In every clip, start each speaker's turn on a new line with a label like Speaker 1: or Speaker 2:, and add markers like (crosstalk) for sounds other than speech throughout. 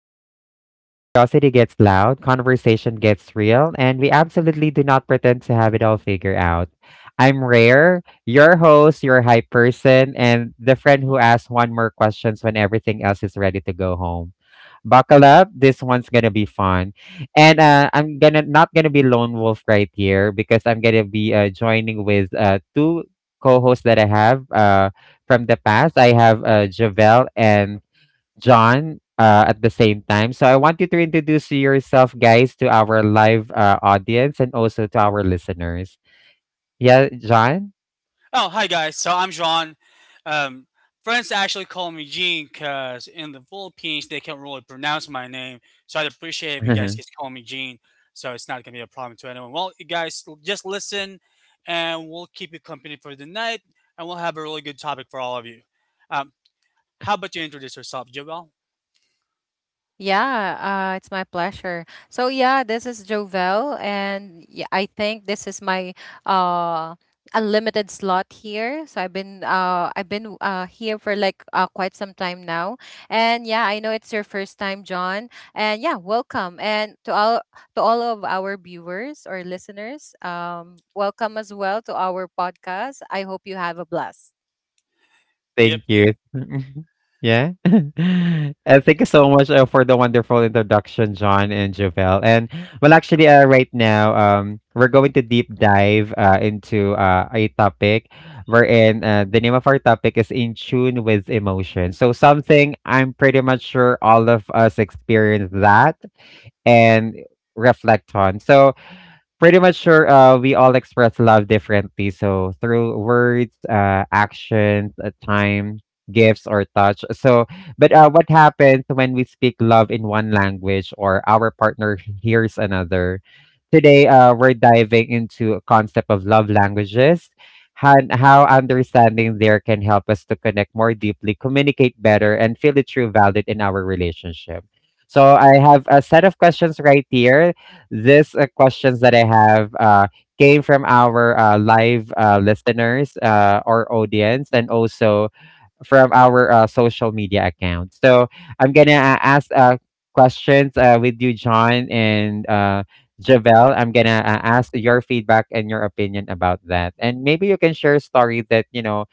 Speaker 1: the place where curiosity gets loud, conversation gets real, and we absolutely do not pretend to have it all figured out. I'm Rare, your host, your hype person, and the friend who asks one more questions when everything else is ready to go home. Buckle up. This one's going to be fun. And I'm gonna not going to be lone wolf right here because I'm going to be joining with two co-hosts that I have from the past. I have Javel and John at the same time. So I want you to introduce yourself, guys, to our live audience and also to our listeners. Yeah, John?
Speaker 2: Oh, hi guys. So I'm John. Um, friends actually call me Gene because in the Philippines they can't really pronounce my name. So I'd appreciate if you guys
Speaker 1: (laughs)
Speaker 2: just call me Gene. So it's not gonna be a problem to anyone. Well, you guys just listen, and we'll keep you company for the night, and we'll have a really good topic for all of you. Um, how about you introduce yourself, Joel?
Speaker 3: Yeah, it's my pleasure. So yeah, this is Jovel, and yeah, I think this is my uh unlimited slot here. So I've been here for like quite some time now, and yeah, I know it's your first time, John, and yeah, welcome, and to all of our viewers or listeners, welcome as well to our podcast. I hope you have a blast.
Speaker 2: Yep.
Speaker 1: Thank you. (laughs) Yeah. (laughs) Thank you so much for the wonderful introduction, John and Jovel. And right now, we're going to deep dive into a topic wherein the name of our topic is In Tune with Emotion. So, something I'm pretty much sure all of us experience that and reflect on. So, pretty much sure we all express love differently. So through words, actions, time, gifts, or touch. So, but what happens when we speak love in one language or our partner (laughs) hears another? Today, we're diving into a concept of love languages and how understanding there can help us to connect more deeply, communicate better, and feel the true valid in our relationship. So I have a set of questions right here this questions that I have came from our live listeners or audience, and also from our social media accounts. So I'm gonna ask questions with you, John and Javel. I'm gonna ask your feedback and your opinion about that, and maybe you can share a story that you know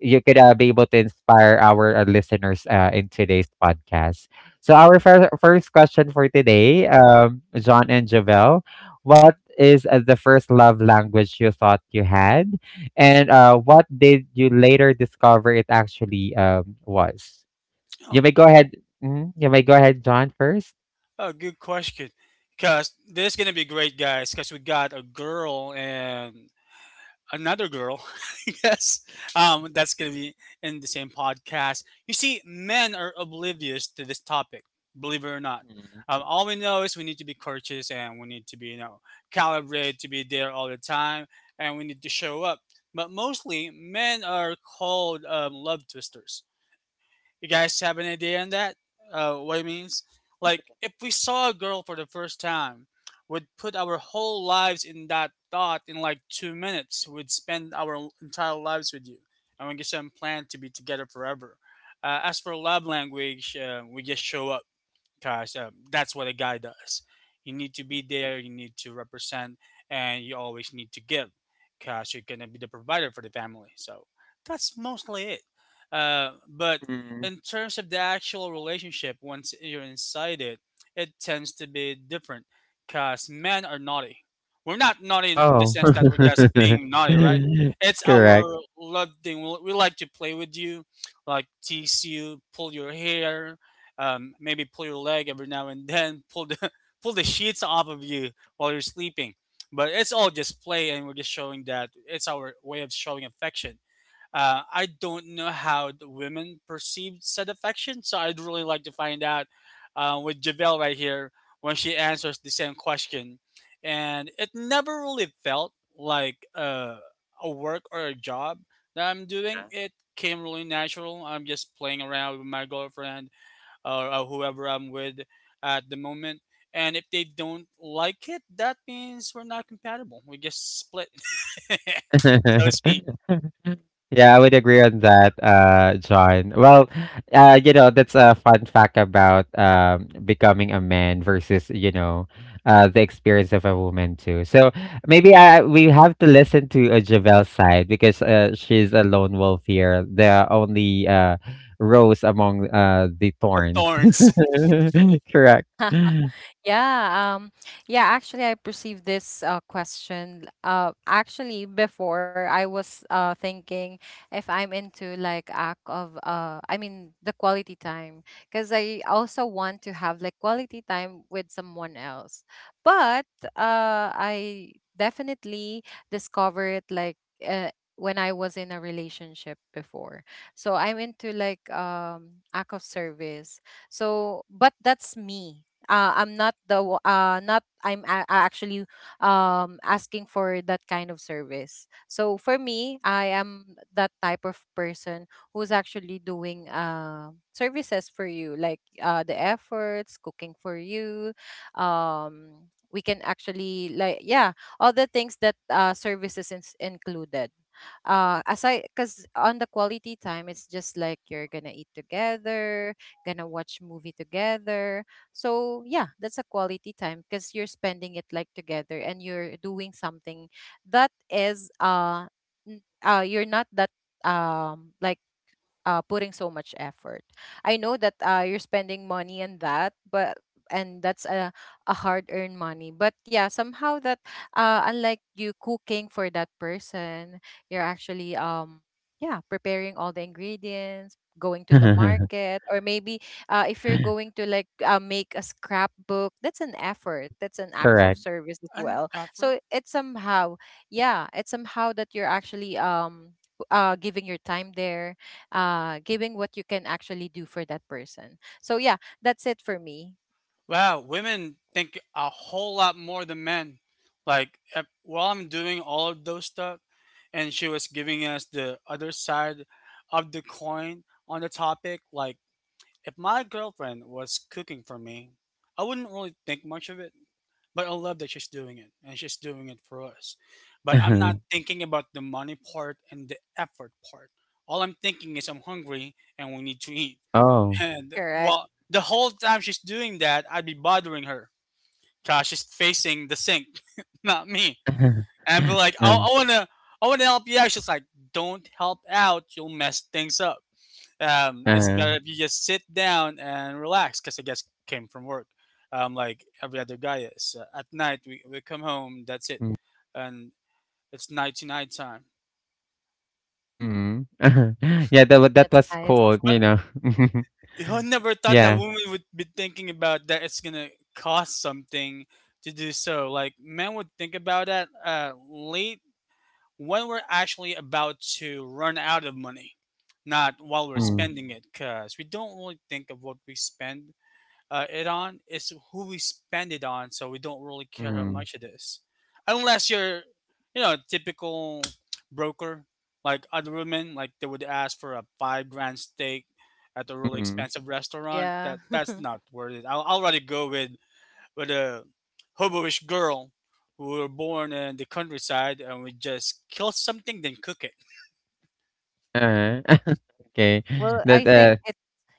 Speaker 1: you could be able to inspire our listeners in today's podcast. So our first question for today, John and Javel, what is the first love language you thought you had, and what did you later discover it actually was? You
Speaker 2: oh,
Speaker 1: may go ahead. Mhm, you may go ahead, John, first.
Speaker 2: oh, good question. Cause this is gonna be great, guys. Cause we got a girl and another girl, (laughs) I guess, that's going to be in the same podcast. You see, men are oblivious to this topic, believe it or not.
Speaker 1: Mhm.
Speaker 2: All we know is we need to be courteous and we need to be, you know, calibrated to be there all the time and we need to show up. But mostly, men are called love twisters, you guys have an idea on that? What it means? Like, if we saw a girl for the first time, we'd put our whole lives in that thought in like two minutes. We'd spend our entire lives with you, and we just plan to be together forever. As for love language, we just show up because that's what a guy does. You need to be there, you need to represent, and you always need to give because you're going to be the provider for the family. So that's mostly it. But in terms of the actual relationship, once you're inside it, it tends to be different because men are naughty. We're not naughty in the
Speaker 1: Oh,
Speaker 2: sense that we're just being naughty, right?
Speaker 1: (laughs)
Speaker 2: It's
Speaker 1: correct.
Speaker 2: our love thing. We like to play with you, like tease you, pull your hair, maybe pull your leg every now and then, pull the (laughs) pull the sheets off of you while you're sleeping. But it's all just play, and we're just showing that it's our way of showing affection. I don't know how the women perceive said affection, so I'd really like to find out with Javelle right here when she answers the same question. And it never really felt like a work or a job that I'm doing. It came really natural. I'm just playing around with my girlfriend or whoever I'm with at the moment. And if they don't like it, that means we're not compatible. We just split, (laughs) so to speak,
Speaker 1: (laughs) Yeah, I would agree on that, John. Well, you know, that's a fun fact about becoming a man versus, you know, the experience of a woman too. So maybe we have to listen to Javel's side because she's a lone wolf here, the only rose among the
Speaker 2: the
Speaker 1: thorns.
Speaker 2: thorns.
Speaker 1: (laughs) Correct.
Speaker 3: Yeah, um, yeah, actually, I perceived this question. Actually, before I was thinking if I'm into like act of I mean the quality time, because I also want to have like quality time with someone else. But I definitely discover it like when I was in a relationship before. So I'm into like act of service. So, but that's me I'm not the w- not I'm a- actually asking for that kind of service, so for me I am that type of person who's actually doing services for you, like the efforts cooking for you. um we can actually like, yeah, all the things that services is included, aside because on the quality time it's just like you're gonna eat together, gonna watch movie together. So yeah, that's a quality time because you're spending it like together and you're doing something that is you're not that like putting so much effort. I know that you're spending money on that, but and that's a hard earned money. But yeah, somehow that unlike you cooking for that person, you're actually yeah preparing all the ingredients, going to the market, or maybe if you're going
Speaker 1: (laughs)
Speaker 3: to like make a scrapbook, that's an effort. That's an act of
Speaker 1: Correct.
Speaker 2: An
Speaker 3: service as
Speaker 2: and
Speaker 3: well.
Speaker 2: effort.
Speaker 3: So it's somehow that you're actually giving your time there, giving what you can actually do for that person. So yeah, that's it for me.
Speaker 2: Wow, women think a whole lot more than men. Like while I'm doing all of those stuff, and she was giving us the other side of the coin on the topic, like if my girlfriend was cooking for me, I wouldn't really think much of it, but I love that she's doing it and she's doing it for us. But I'm not
Speaker 1: (laughs)
Speaker 2: thinking about the money part and the effort part. All I'm thinking is I'm hungry and we need to eat.
Speaker 1: Oh. (laughs)
Speaker 2: And
Speaker 3: Correct.
Speaker 2: well, the whole time she's doing that, I'd be bothering her because she's facing the sink, (laughs) not me. And I'd be like, I,
Speaker 1: Uh,
Speaker 2: I wanna, I wanna help you out. She's like, don't help out, you'll mess things up. It's
Speaker 1: uh.
Speaker 2: better if you just sit down and relax because I guess came from work, like every other guy is. At night we come home, that's it,
Speaker 1: Mm.
Speaker 2: and it's night to night time.
Speaker 1: Mhm. (laughs) Yeah, that
Speaker 3: That's
Speaker 1: was
Speaker 3: nice.
Speaker 1: cold,
Speaker 2: But
Speaker 1: you know? (laughs)
Speaker 2: who never thought that
Speaker 1: Yeah.
Speaker 2: women would be thinking about that it's gonna cost something to do so. Like men would think about that late when we're actually about to run out of money, not while we're
Speaker 1: Mm,
Speaker 2: spending it, because we don't really think of what we spend it on. It's who we spend it on, so we don't really care how
Speaker 1: mm,
Speaker 2: much it is, unless you're, you know, typical broker like other women. Like they would ask for a five grand steak at a really
Speaker 1: mm.
Speaker 2: expensive restaurant.
Speaker 3: Yeah.
Speaker 2: That
Speaker 3: (laughs)
Speaker 2: that's not worth it. I'll rather go with a hoboish girl who were born in the countryside and would just kill something then cook it.
Speaker 1: uh (laughs) Okay.
Speaker 3: well I
Speaker 1: That, uh
Speaker 3: think it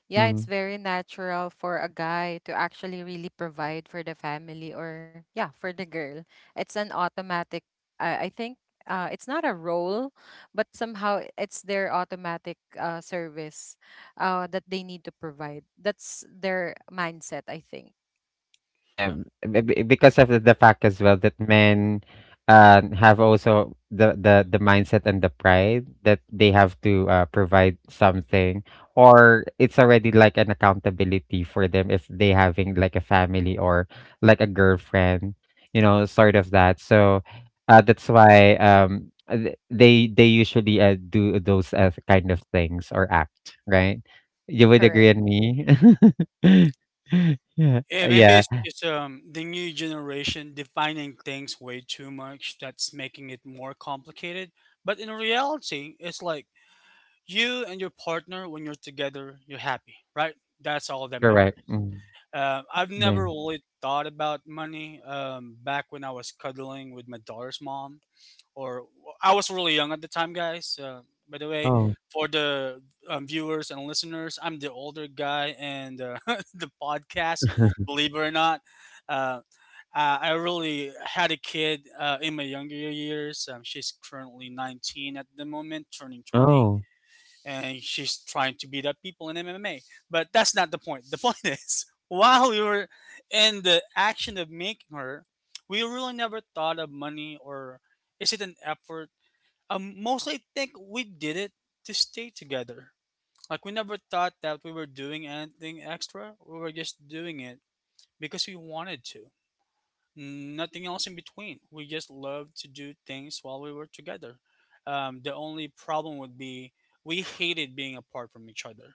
Speaker 3: yeah It's
Speaker 1: mm.
Speaker 3: very natural for a guy to actually really provide for the family, or yeah, for the girl. It's an automatic, I think, it's not a role, but somehow it's their automatic service that they need to provide. That's their mindset, I think.
Speaker 1: Yeah, b b because of the fact as well that men have also the, the mindset and the pride that they have to provide something, or it's already like an accountability for them if they having like a family or like a girlfriend, you know, sort of that. So that's why they usually do those kind of things or act, right? You would agree
Speaker 3: Correct.
Speaker 1: on me? (laughs) Yeah,
Speaker 2: Yeah, maybe
Speaker 1: yeah.
Speaker 2: it's just the new generation defining things way too much that's making it more complicated. But in reality, it's like you and your partner, when you're together, you're happy, right? That's all that
Speaker 1: Correct.
Speaker 2: matters.
Speaker 1: Mm.
Speaker 2: I've
Speaker 1: Yeah.
Speaker 2: never really thought about money back when I was cuddling with my daughter's mom or well, I was really young at the time, guys. By the way,
Speaker 1: Oh.
Speaker 2: for the viewers and listeners, I'm the older guy and (laughs) the podcast.
Speaker 1: (laughs)
Speaker 2: Believe it or not, uh, I really had a kid in my younger years. She's currently 19 at the moment, turning 20,
Speaker 1: Oh.
Speaker 2: and she's trying to beat up people in MMA. But that's not the point. The point (laughs) is, while we were in the action of making her, we really never thought of money or is it an effort? Mostly, I think we did it to stay together. Like we never thought that we were doing anything extra. We were just doing it because we wanted to, nothing else in between. We just loved to do things while we were together. The only problem would be we hated being apart from each other,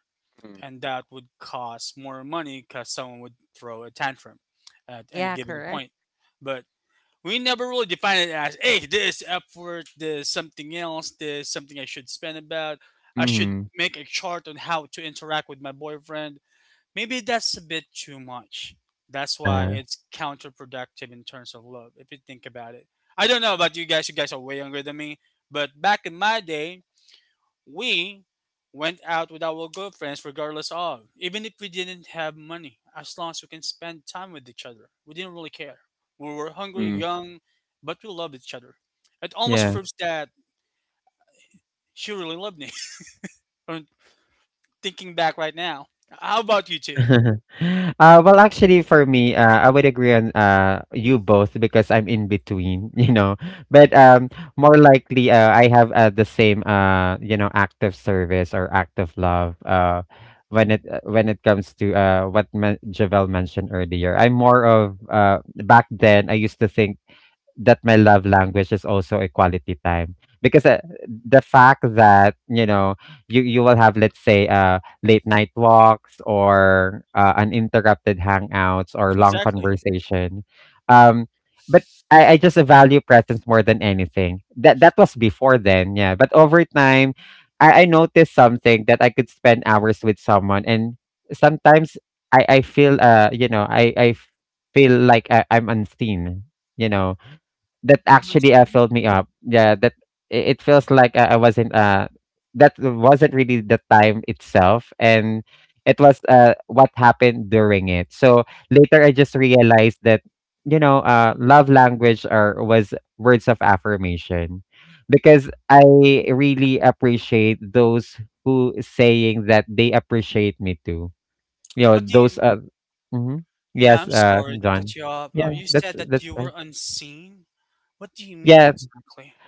Speaker 2: and that would cost more money because someone would throw a tantrum at any
Speaker 3: Yeah,
Speaker 2: given point.
Speaker 3: correct.
Speaker 2: But we never really defined it as, hey, this effort, this something else, this something I should spend about. I should
Speaker 1: Mm.
Speaker 2: make a chart on how to interact with my boyfriend. Maybe that's a bit too much. That's why
Speaker 1: Uh-huh.
Speaker 2: it's counterproductive in terms of love, if you think about it. I don't know about you guys are way younger than me, but back in my day, we went out with our girlfriends regardless of. Even if we didn't have money, as long as we can spend time with each other. We didn't really care. We were hungry,
Speaker 1: Mm.
Speaker 2: young, but we loved each other. It almost
Speaker 1: Yeah.
Speaker 2: proves that she really loved me. (laughs) I'm thinking back right now. How about you two?
Speaker 1: (laughs) Well, actually, for me, I would agree on you both because I'm in between, (laughs) you know. But more likely, I have the same, you know, act of service or act of love. When it comes to what Javel mentioned earlier, I'm more of back then. I used to think that my love language is also a quality time because the fact that you know you will have, let's say, late night walks or uninterrupted hangouts or long
Speaker 2: Exactly.
Speaker 1: conversation, um but I just value presence more than anything. That that was before. Then yeah, but over time I noticed something: that I could spend hours with someone and sometimes I feel you know I feel like I'm unseen, you know, that actually filled me up. Yeah, that it feels like I wasn't that wasn't really the time itself, and it was what happened during it. So later, I just realized that you know love language or was words of affirmation because I really appreciate those who saying that they appreciate me too. You know
Speaker 2: What do
Speaker 1: those
Speaker 2: you?
Speaker 1: mhm.
Speaker 2: Yeah,
Speaker 1: Yes,
Speaker 2: I'm sorry to
Speaker 1: John.
Speaker 2: cut you off.
Speaker 1: Yeah,
Speaker 2: You said that
Speaker 1: that's
Speaker 2: you were
Speaker 1: fine,
Speaker 2: unseen. What do you mean
Speaker 1: yeah.
Speaker 2: exactly?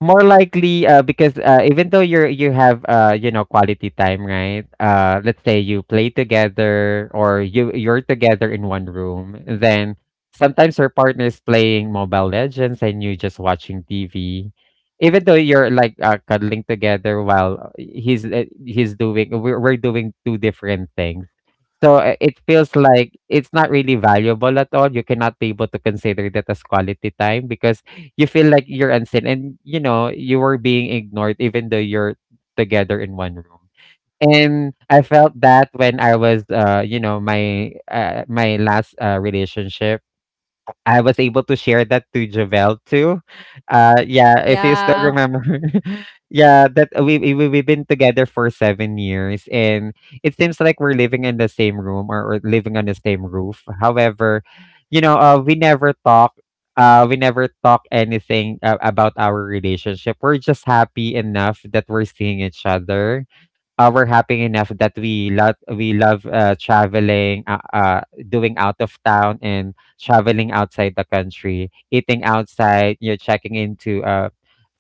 Speaker 1: More likely, because even though you have you know, quality time, right? Let's say you play together or you're together in one room, then sometimes your partner is playing Mobile Legends and you just watching TV. Even though you're like cuddling together while he's doing we're doing two different things. So, it feels like it's not really valuable at all. You cannot be able to consider that as quality time because you feel like you're unseen and you know, you were being ignored even though you're together in one room. And I felt that when I was you know, my last relationship. I was able to share that to Javel too. Yeah, if you still
Speaker 3: Yeah.
Speaker 1: remember, (laughs) yeah, that we've been together for 7 years, and it seems like we're living in the same room, or living on the same roof. However, you know, we never talk. We never talk anything about our relationship. We're just happy enough that we're seeing each other, we're happy enough that we love traveling, doing out of town and traveling outside the country, eating outside. You're checking into a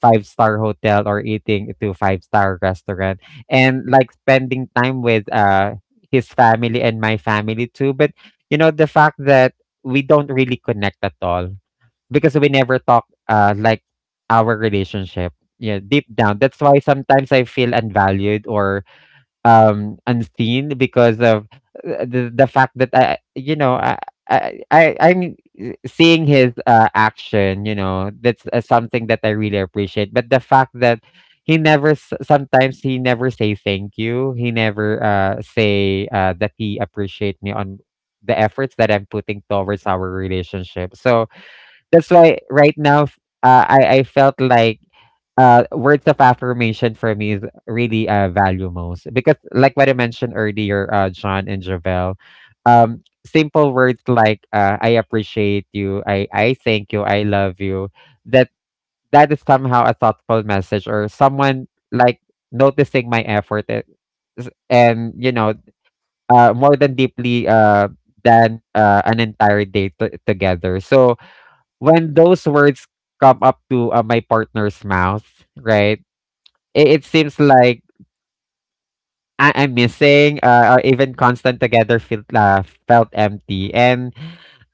Speaker 1: five-star hotel or eating to five star restaurant, and like spending time with his family and my family too. But you know the fact that we don't really connect at all because we never talk like our relationship, yeah, deep down. That's why sometimes I feel unvalued or unseen because of the fact that I you know I'm seeing his action, you know, that's something that I really appreciate, but the fact that he never sometimes he never say thank you, he never say that he appreciate me on the efforts that I'm putting towards our relationship. So that's why right now, I felt like words of affirmation for me is really value most because, like what I mentioned earlier, John and Javel, simple words like "I appreciate you," I thank you," "I love you," that that is somehow a thoughtful message or someone like noticing my effort, and you know more than deeply, than an entire day to together. So when those words come up to my partner's mouth, right? It seems like I'm missing, or even constant together felt felt empty, and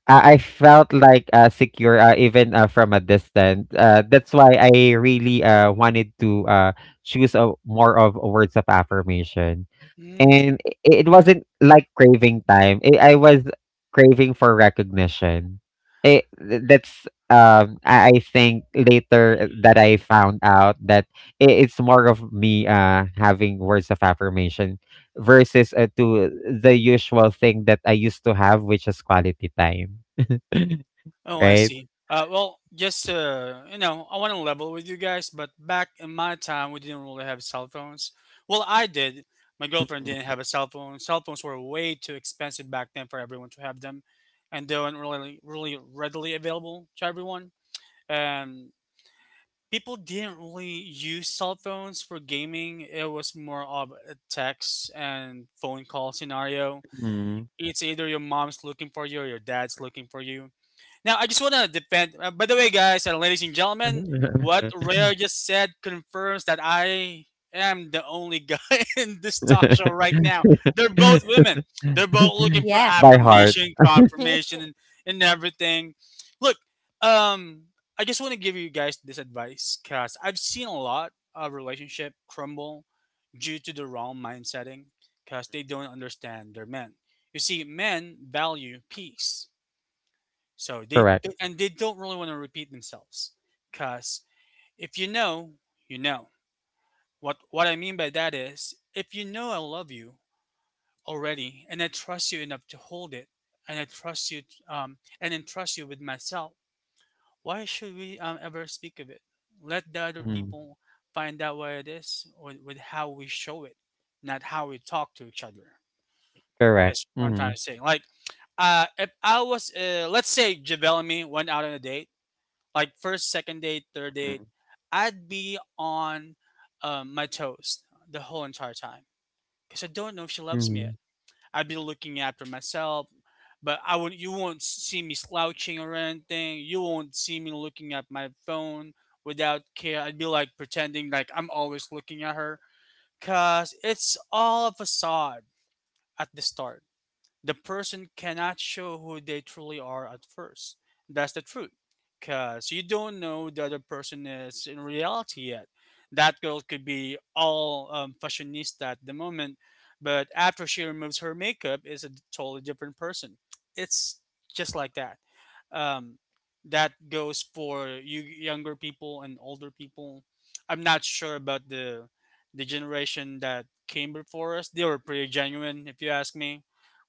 Speaker 1: I felt like secure even from a distance. That's why I really wanted to choose a, more of words of affirmation.
Speaker 2: Mm.
Speaker 1: And I it wasn't like craving time. I was craving for recognition. I think later that I found out that I it's more of me having words of affirmation versus to the usual thing that I used to have, which is quality time. (laughs)
Speaker 2: Oh, I
Speaker 1: Right?
Speaker 2: see. Well, just you know, I want to level with you guys, but back in my time, we didn't really have cell phones. Well, I did. My girlfriend didn't have a cell phone. Cell phones were way too expensive back then for everyone to have them, and they weren't really, really readily available to everyone. And people didn't really use cell phones for gaming. It was more of a text and phone call scenario.
Speaker 1: Mhm.
Speaker 2: It's either your mom's looking for you or your dad's looking for you. Now, I just want to defend. By the way, guys and ladies and gentlemen,
Speaker 1: (laughs)
Speaker 2: what Rare just said confirms that I am the only guy (laughs) in this talk show right now. They're both women. They're both looking for
Speaker 3: Yeah.
Speaker 1: By heart,
Speaker 2: affirmation, confirmation,
Speaker 3: (laughs)
Speaker 2: and everything. Look, um, I just want to give you guys this advice because I've seen a lot of relationship crumble due to the wrong mind setting, because they don't understand their men. You see, men value peace so
Speaker 1: correct.
Speaker 2: they don't really want to repeat themselves, cause if you know, you know. What I mean by that is, if you know I love you already, and I trust you enough to hold it, and I trust you, and entrust you with myself, why should we ever speak of it? Let the other
Speaker 1: Mhm,
Speaker 2: people find out what it is with how we show it, not how we talk to each other.
Speaker 1: correct.
Speaker 2: That's what I'm trying
Speaker 1: Mhm,
Speaker 2: to say. Like, if I was, let's say Javelmy went out on a date like first, second date, third date,
Speaker 1: mhm,
Speaker 2: I'd be on my toes the whole entire time because I don't know if she loves me yet.
Speaker 1: mhm,
Speaker 2: I'd be looking after myself, but I would. You won't see me slouching or anything. You won't see me looking at my phone without care. I'd be like pretending like I'm always looking at her, cause it's all a facade at the start, the person cannot show who they truly are at first. That's the truth. Because you don't know the other person is in reality yet. That girl could be all fashionista at the moment, but after she removes her makeup, is a totally different person. It's just like that. Um, that goes for you younger people and older people. I'm not sure about the generation that came before us. They were pretty genuine, if you ask me.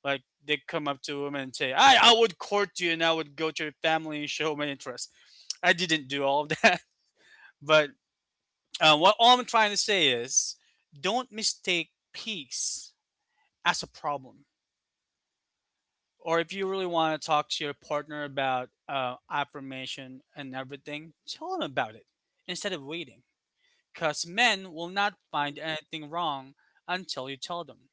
Speaker 2: Like they come up to him and say, "I would court you and I would go to your family and show my interest." I didn't do all of that, (laughs) but what all I'm trying to say is, don't mistake peace as a problem. Or if you really want to talk to your partner about affirmation and everything, tell them about it instead of waiting. Because men will not find anything wrong until you tell them.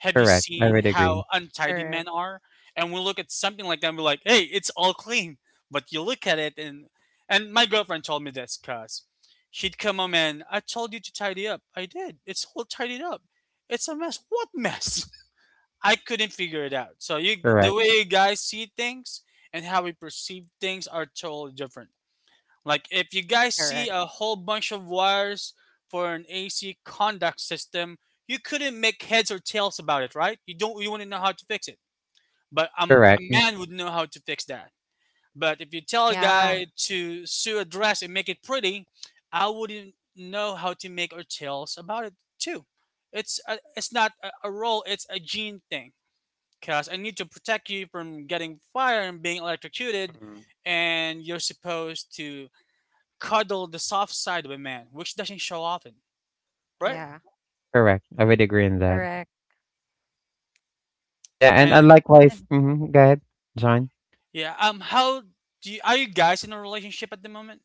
Speaker 2: Have you
Speaker 1: correct. I
Speaker 2: seen
Speaker 1: would agree.
Speaker 2: how untidy men
Speaker 3: Correct,
Speaker 2: are? And we look at something like that and we're like, hey, it's all clean. But you look at it, and my girlfriend told me this because she'd come home and I told you to tidy up. I did. It's all tidied up. It's a mess. What mess? (laughs) I couldn't figure it out. So you, the
Speaker 1: Correct,
Speaker 2: way you guys see things and how we perceive things, are totally different. Like if you guys see
Speaker 3: correct.
Speaker 2: a whole bunch of wires for an AC conduct system, you couldn't make heads or tails about it, right? You wouldn't know how to fix it. But a
Speaker 1: correct.
Speaker 2: man would know how to fix that. But if you tell a
Speaker 3: Yeah,
Speaker 2: guy to sew a dress and make it pretty, I wouldn't know how to make or tails about it too. It's not a role, it's a gene thing. Cause I need to protect you from getting fire and being electrocuted,
Speaker 1: Mhm,
Speaker 2: and you're supposed to cuddle the soft side of a man, which doesn't show often, right?
Speaker 1: yeah,
Speaker 3: yeah,
Speaker 1: correct. I would agree in that.
Speaker 3: correct.
Speaker 1: Yeah, and
Speaker 2: And
Speaker 1: likewise.
Speaker 3: And
Speaker 1: Mhm, go ahead, John.
Speaker 2: yeah, how do you, are you guys in a relationship at the moment?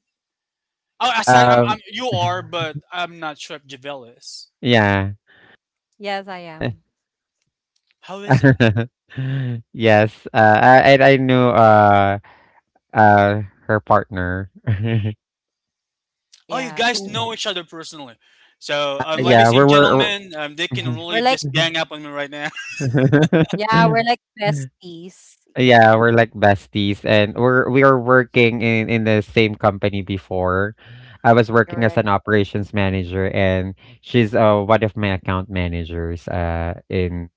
Speaker 2: Oh, aside, I'm,
Speaker 1: Um,
Speaker 2: you are,
Speaker 1: (laughs)
Speaker 2: but I'm not sure if Javel is.
Speaker 1: yeah,
Speaker 3: yes, I
Speaker 1: yeah.
Speaker 3: am.
Speaker 2: How is it?
Speaker 1: (laughs) Yes, I I knew her partner. (laughs)
Speaker 2: Oh, you guys
Speaker 3: Yes,
Speaker 2: know each other personally. So,
Speaker 1: Yeah,
Speaker 2: ladies
Speaker 3: yes.
Speaker 2: and
Speaker 1: we're we're.
Speaker 2: gentlemen, they can
Speaker 3: We're
Speaker 2: really
Speaker 3: like,
Speaker 2: just gang up on me right now.
Speaker 3: yeah, we're like
Speaker 1: we're- (laughs)
Speaker 3: besties. Yeah,
Speaker 1: Yeah, we're like besties and we are working in the same company before. I was working
Speaker 3: correct.
Speaker 1: as an operations manager and she's one of my account managers in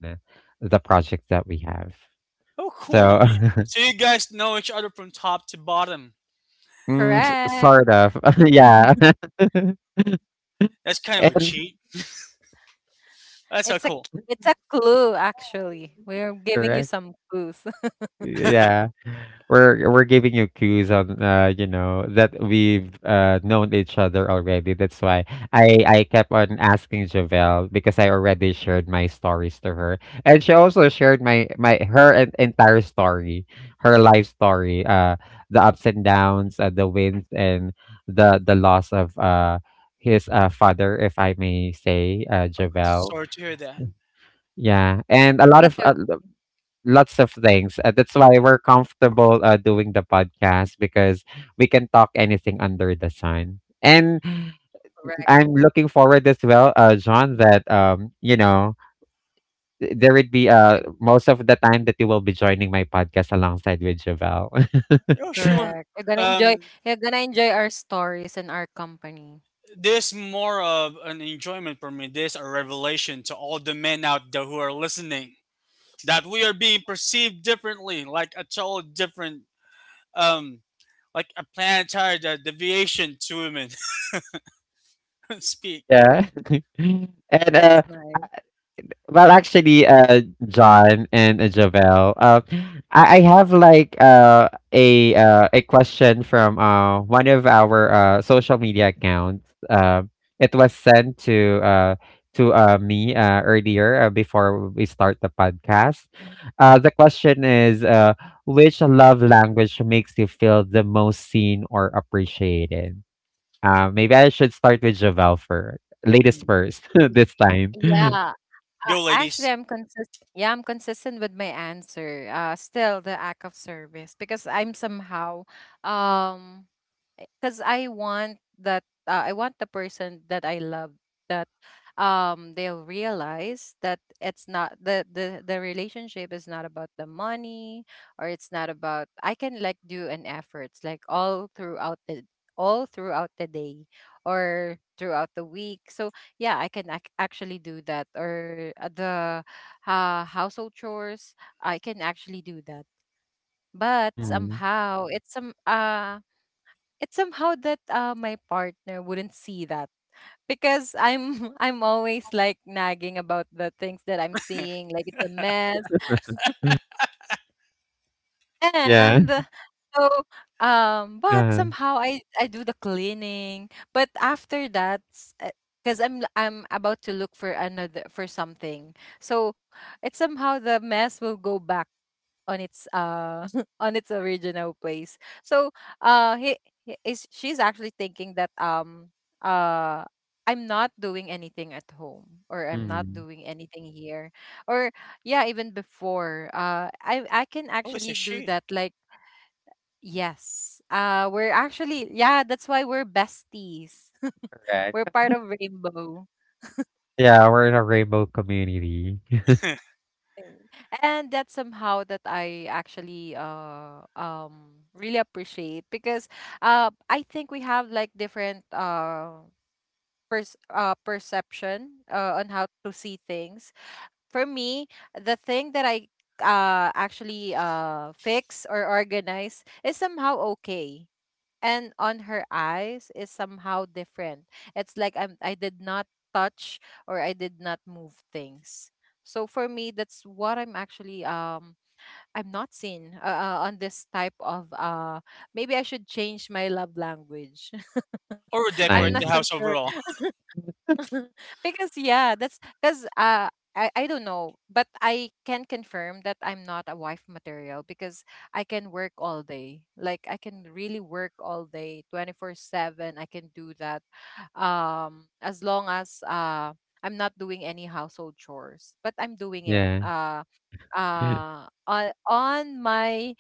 Speaker 1: the project that we have.
Speaker 2: (laughs) Oh,
Speaker 3: Yeah,
Speaker 2: cool.
Speaker 1: So
Speaker 2: You,
Speaker 1: (laughs)
Speaker 2: so you guys know each other from top to bottom.
Speaker 1: mm,
Speaker 3: correct.
Speaker 1: sort of. (laughs) Yeah.
Speaker 3: (laughs)
Speaker 2: That's kind of a
Speaker 1: And
Speaker 2: cheat. That's so
Speaker 3: It's
Speaker 2: cool.
Speaker 3: a clue actually. We're giving you
Speaker 1: correct.
Speaker 3: some clues. (laughs)
Speaker 1: Yeah. We're giving you cues on you know that we've known each other already. That's why I kept on asking Javelle because I already shared my stories to her, and she also shared my my her entire story, her life story, the ups and downs, the wins, and the loss of his father, if I may say,
Speaker 2: Oh,
Speaker 1: Javelle.
Speaker 2: sorry to hear that.
Speaker 1: Yeah, and a lot
Speaker 3: That's
Speaker 1: of
Speaker 3: so
Speaker 1: a lots of things. That's why we're comfortable doing the podcast because we can talk anything under the sun. And
Speaker 3: correct.
Speaker 1: I'm looking forward as well, John, that there would be
Speaker 3: And
Speaker 1: most of the time that you will be joining my podcast alongside with Javel. (laughs)
Speaker 2: Oh, sure.
Speaker 3: Correct. You're gonna enjoy.
Speaker 2: Um,
Speaker 3: You're gonna enjoy our stories and our company.
Speaker 2: this more of an enjoyment for me, this a revelation to all the men out there who are listening that we are being perceived differently, like a total different um like a planetary deviation to women. (laughs) Speak.
Speaker 1: Yeah, (laughs) and
Speaker 3: That's nice.
Speaker 1: well, actually, John and Javel, I have like a question from one of our social media accounts. It was sent to me earlier before we start the podcast. The question is, which love language makes you feel the most seen or appreciated? Maybe I should start with Javel first, latest
Speaker 2: Mm.
Speaker 1: first (laughs) this time. (laughs)
Speaker 3: Yeah.
Speaker 2: Go
Speaker 3: Actually,
Speaker 2: ladies.
Speaker 3: I'm consist. Yeah, I'm consistent with my answer. Still the act of service because I'm somehow, um, because I want that. I want the person that I love that, they'll realize that it's not the relationship is not about the money or it's not about. I can like do an efforts like all throughout the day or throughout the week. So yeah, I can actually do that, or the household chores, I can actually do that. But
Speaker 1: Mm.
Speaker 3: somehow it's somehow that my partner wouldn't see that because I'm (laughs) I'm always like nagging about the things that I'm seeing, like it's a mess. (laughs)
Speaker 1: Yeah.
Speaker 3: And so, but
Speaker 1: uh
Speaker 3: somehow I do the cleaning. But after that, because I'm about to look for another, for something, so it's somehow the mess will go back on its (laughs) on its original place. So uh, he, he is she's actually thinking that uh. I'm not doing anything at home, or I'm not
Speaker 1: Mm.
Speaker 3: doing anything here, or yeah, even before. I can
Speaker 2: Oh, it's a
Speaker 3: actually do
Speaker 2: she.
Speaker 3: that like yes. We're actually Yeah, that's why we're besties. (laughs) We're
Speaker 1: Correct.
Speaker 3: part of Rainbow
Speaker 1: Yeah, we're in a rainbow community. (laughs)
Speaker 2: (laughs)
Speaker 3: thing. And that's somehow that I actually really appreciate because I think we have like different perception on how to see things. For me, the thing that I actually fix or organize is somehow okay. And on her eyes is somehow different. It's like I did not touch or I did not move things. So for me, that's what I'm actually I'm not seen on this type of maybe I should change my love language.
Speaker 2: Or
Speaker 3: (laughs)
Speaker 1: It's
Speaker 3: I'm
Speaker 2: decorate
Speaker 3: not
Speaker 1: time.
Speaker 2: the
Speaker 3: so
Speaker 2: house
Speaker 3: sure
Speaker 2: overall.
Speaker 3: because yeah, that's because I don't know, but I can confirm that I'm not a wife material because I can work all day. Like I can really work all day, 24/7. I can do that, as long as I'm not doing any household chores, but I'm doing it.
Speaker 1: Yeah. (laughs)
Speaker 3: On my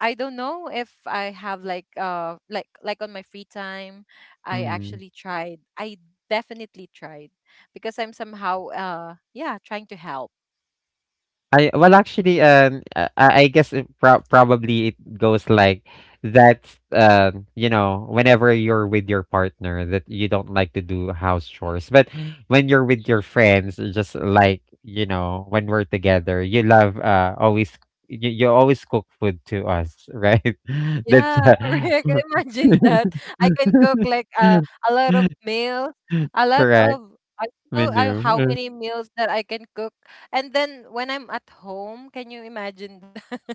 Speaker 3: I don't know if I have like on my free time. I
Speaker 1: Mhm.
Speaker 3: actually tried I definitely tried because I'm somehow, yeah, trying to help.
Speaker 1: I well, actually, I guess it probably it goes like that's you know, whenever you're with your partner that you don't like to do house chores, but when you're with your friends, just like you know, when we're together, you love always you always cook food to us, right? (laughs) That's
Speaker 3: Yeah, (laughs) correct, imagine that. I can cook like a lot of
Speaker 1: (laughs)
Speaker 3: meals, a lot
Speaker 1: correct
Speaker 3: of I don't know how
Speaker 1: menu,
Speaker 3: many meals that I can cook, and then when I'm at home, can you imagine, (laughs)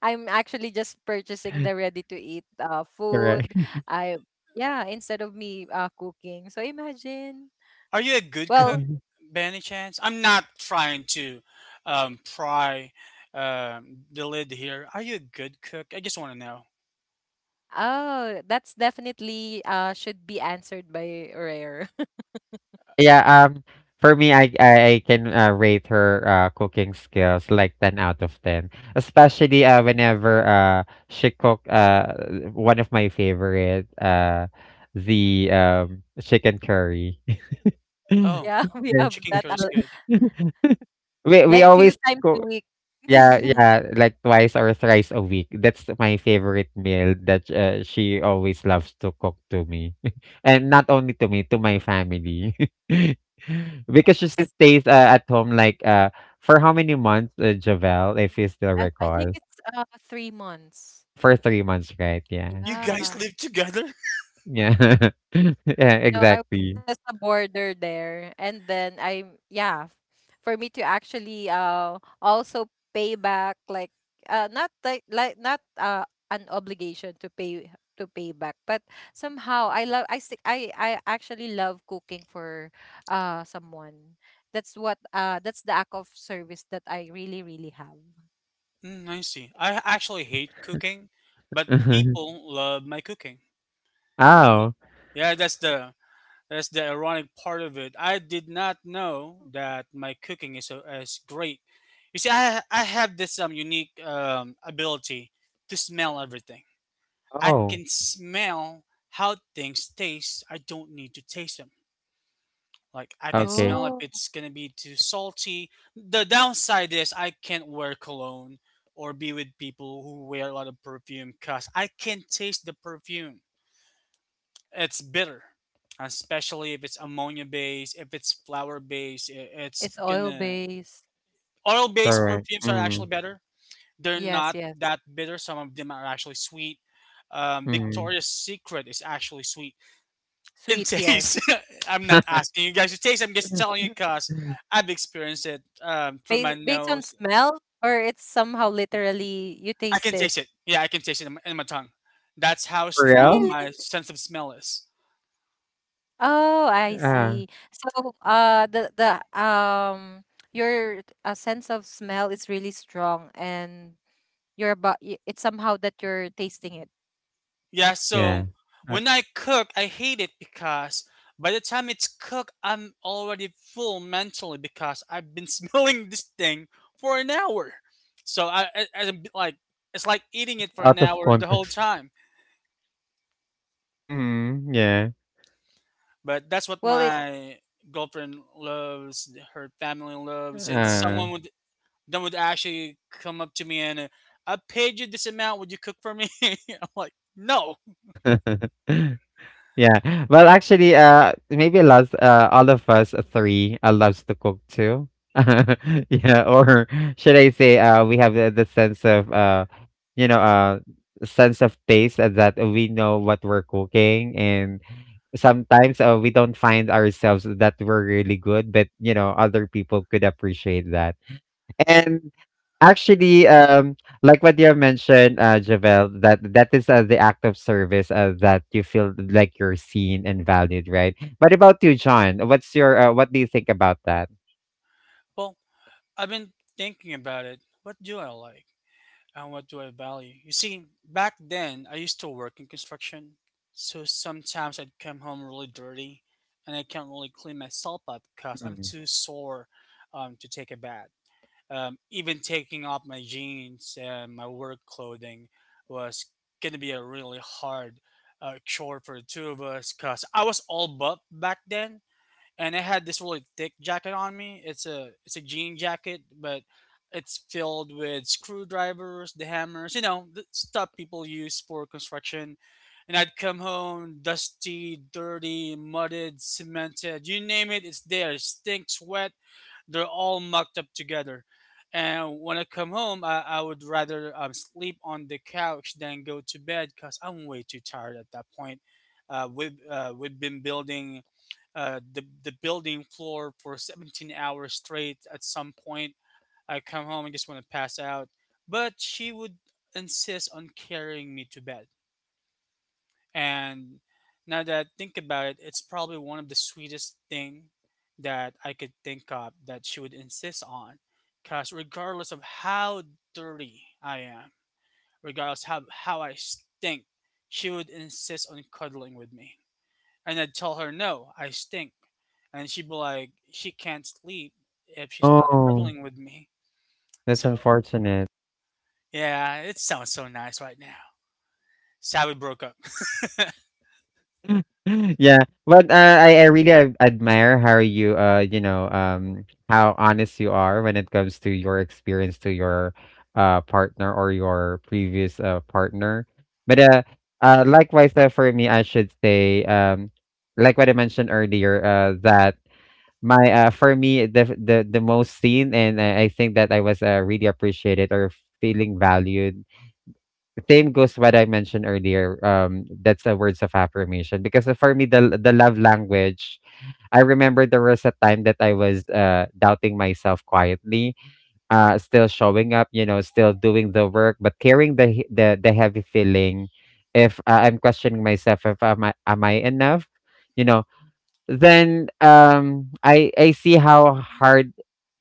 Speaker 3: I'm actually just purchasing the
Speaker 1: (laughs)
Speaker 3: ready to eat
Speaker 1: correct.
Speaker 3: food. I Yeah, instead of me cooking. So imagine.
Speaker 2: (laughs) Are you a good
Speaker 1: Yeah.
Speaker 2: cook,
Speaker 3: Well,
Speaker 2: by any chance? I'm not trying to pry the lid here. Are you a good cook? I just want to know.
Speaker 3: oh, that's definitely should be answered by Rare.
Speaker 1: Yeah, for me, I can rate her cooking skills like 10 out of 10. Especially whenever she cook one of my favorite the chicken curry. (laughs)
Speaker 2: Oh.
Speaker 3: (laughs) yeah, we
Speaker 1: Yeah.
Speaker 3: have
Speaker 2: Chicken curry
Speaker 3: that
Speaker 2: is good.
Speaker 1: (laughs) We
Speaker 3: like
Speaker 1: always
Speaker 3: few times
Speaker 1: cook.
Speaker 3: a week.
Speaker 1: Yeah,
Speaker 3: (laughs)
Speaker 1: yeah, like twice or thrice a week. That's my favorite meal that she always loves to cook to me. (laughs) And not only to me, to my family. (laughs) Because she still stays at home like for how many months, Javel, if you still
Speaker 3: I
Speaker 1: recall?
Speaker 3: think it's 3 months.
Speaker 1: For 3 months, right? Yeah.
Speaker 2: You guys
Speaker 3: Yeah.
Speaker 2: live together? (laughs)
Speaker 1: Yeah. (laughs) Yeah,
Speaker 3: No, I was
Speaker 1: exactly.
Speaker 3: just a border there. And then yeah, for me to actually also pay back like not like like not an obligation to pay, to pay back, but somehow I love I stick I actually love cooking for someone. That's what that's the act of service that I really really have.
Speaker 2: Mm, I see. I actually hate cooking, but
Speaker 1: (laughs)
Speaker 2: people love my cooking. Uh,
Speaker 1: Oh.
Speaker 2: yeah, that's the ironic part of it. I did not know that my cooking is great. You see, I have this unique ability to smell everything. I
Speaker 1: Oh.
Speaker 2: can smell how things taste. I don't need to taste them. Like I can
Speaker 1: Okay.
Speaker 2: smell if
Speaker 3: Oh,
Speaker 2: it's gonna be too salty. The downside is I can't wear cologne or be with people who wear a lot of perfume because I can't taste the perfume. It's bitter, especially if it's ammonia based, if it's flower based. It's
Speaker 3: it's oil
Speaker 2: gonna
Speaker 3: based.
Speaker 2: oil based
Speaker 1: Correct.
Speaker 2: perfumes are
Speaker 1: Mm.
Speaker 2: actually better. They're not
Speaker 3: Yes,
Speaker 2: that
Speaker 3: yes.
Speaker 2: bitter. Some of them are actually sweet.
Speaker 1: Mm.
Speaker 2: Victoria's Secret is actually sweet in
Speaker 3: Sweet,
Speaker 2: taste.
Speaker 3: yes.
Speaker 2: (laughs) I'm not asking you guys to taste. I'm just
Speaker 1: (laughs)
Speaker 2: telling you because I've experienced it through my
Speaker 3: Based, based on
Speaker 2: nose.
Speaker 3: smell, or it's somehow literally you
Speaker 2: I
Speaker 3: taste
Speaker 2: can
Speaker 3: it?
Speaker 2: taste it. Yeah, I can taste it in my tongue. That's how
Speaker 1: For
Speaker 2: strong
Speaker 1: real?
Speaker 3: Really?
Speaker 2: my sense of smell is.
Speaker 3: Oh, I
Speaker 1: Uh,
Speaker 3: see. So, the your sense of smell is really strong, and it's somehow that you're tasting it.
Speaker 2: Yeah, so
Speaker 1: yeah. Uh,
Speaker 2: when I cook, I hate it because by the time it's cooked, I'm already full mentally because I've been (laughs) smelling this thing for an hour. So I'm like, it's like eating it for an
Speaker 1: Out of
Speaker 2: hour the whole
Speaker 1: context.
Speaker 2: time.
Speaker 1: Mhm, yeah.
Speaker 2: But that's what
Speaker 3: Well, it's
Speaker 2: my girlfriend loves, her family loves, and
Speaker 1: Uh,
Speaker 2: someone would then would actually come up to me and I paid you this amount. Would you cook for me? (laughs) I'm like, no.
Speaker 1: (laughs) yeah. Well, actually, maybe last, all of us, three, loves to cook too. (laughs) Yeah, or should I say, we have the sense of, you know, sense of taste that we know what we're cooking, and sometimes, we don't find ourselves that we're really good, but, you know, other people could appreciate that. And actually, like what you have mentioned, Javel, that is the act of service that you feel like you're seen and valued, right? But about you, John, what's your what do you think about that?
Speaker 2: Well, I've been thinking about it. What do I like and what do I value? You see, back then I used to work in construction, so sometimes I'd come home really dirty, and I can't really clean myself up because I'm
Speaker 1: Mm.
Speaker 2: too sore to take a bath. Um, even taking off my jeans and my work clothing was going to be a really hard chore for the two of us because I was all buff back then and I had this really thick jacket on me. It's a jean jacket, but it's filled with screwdrivers, the hammers, you know, the stuff people use for construction. And I'd come home dusty, dirty, mudded, cemented, you name it, it's there. Stink, sweat, they're all mucked up together. And when I come home, I would rather sleep on the couch than go to bed because I'm way too tired at that point. We've been building the building floor for 17 hours straight. At some point, I come home and just want to pass out. But she would insist on carrying me to bed. And now that I think about it, it's probably one of the sweetest thing that I could think of that she would insist on. Cause regardless of how dirty I am, regardless how I stink, she would insist on cuddling with me. And I'd tell her no, I stink. And she'd be like, she can't sleep if she's not
Speaker 1: Oh,
Speaker 2: cuddling with me.
Speaker 1: that's
Speaker 2: So
Speaker 1: unfortunate.
Speaker 2: yeah, it sounds so nice right now. Sad we broke up.
Speaker 1: (laughs) Yeah, but I really admire how you you know how honest you are when it comes to your experience to your partner or your previous partner, but likewise, for me I should say like what I mentioned earlier that my for me the most seen and I think that I was really appreciated or feeling valued, same goes what I mentioned earlier. That's the words of affirmation because for me, the love language. I remember there was a time that I was doubting myself quietly, still showing up, you know, still doing the work, but carrying the the heavy feeling. If I'm questioning myself, if am I enough, you know, then I I see how hard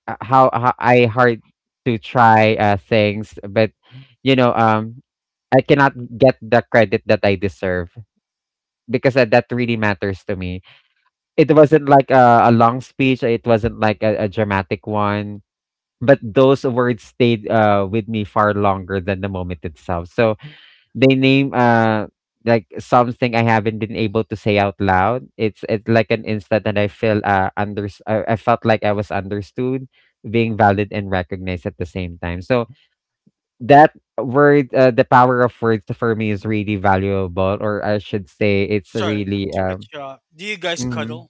Speaker 1: how I hard to try things, but you know um I cannot get the credit that I deserve because that that really matters to me. It wasn't like a long speech. It wasn't like a dramatic one, but those words stayed with me far longer than the moment itself. So they name like something I haven't been able to say out loud. It's like an instant that I felt like I was understood, being valid and recognized at the same time. So that word, the power of words for me is really valuable, or I should say,
Speaker 2: (laughs)
Speaker 1: it's
Speaker 2: Sorry
Speaker 1: really.
Speaker 2: to cut you off. Do you guys
Speaker 1: Mhm.
Speaker 2: cuddle?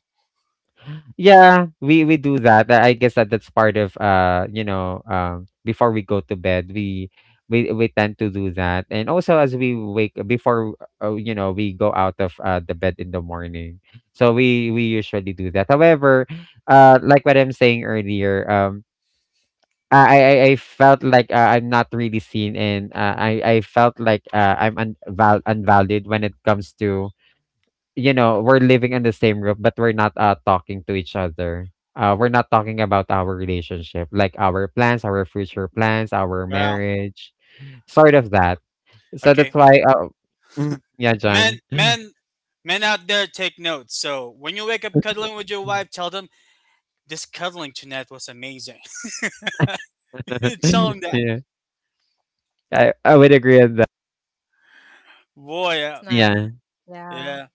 Speaker 1: Yeah, we do that. I guess that that's part of you know, before we go to bed, we tend to do that, and also as we wake before, you know, we go out of the bed in the morning. So we usually do that. However, like what I'm saying earlier, I felt like, I'm not really seen, and, I I felt like, I'm unvalued when it comes to, you know, we're living in the same room, but we're not, talking to each other. We're not talking about our relationship, like our plans, our future plans, our
Speaker 2: Yeah.
Speaker 1: marriage, sort of that. So that's
Speaker 2: Okay.
Speaker 1: why, mm, yeah, John.
Speaker 2: Men,
Speaker 1: (laughs)
Speaker 2: men, men out there, take notes. So when you wake up cuddling with your wife, tell them this cuddling tonight was amazing. (laughs) Tell them that.
Speaker 1: Yeah, I would agree with that.
Speaker 2: Boy,
Speaker 3: Nice.
Speaker 1: Yeah,
Speaker 3: Yeah,
Speaker 2: yeah.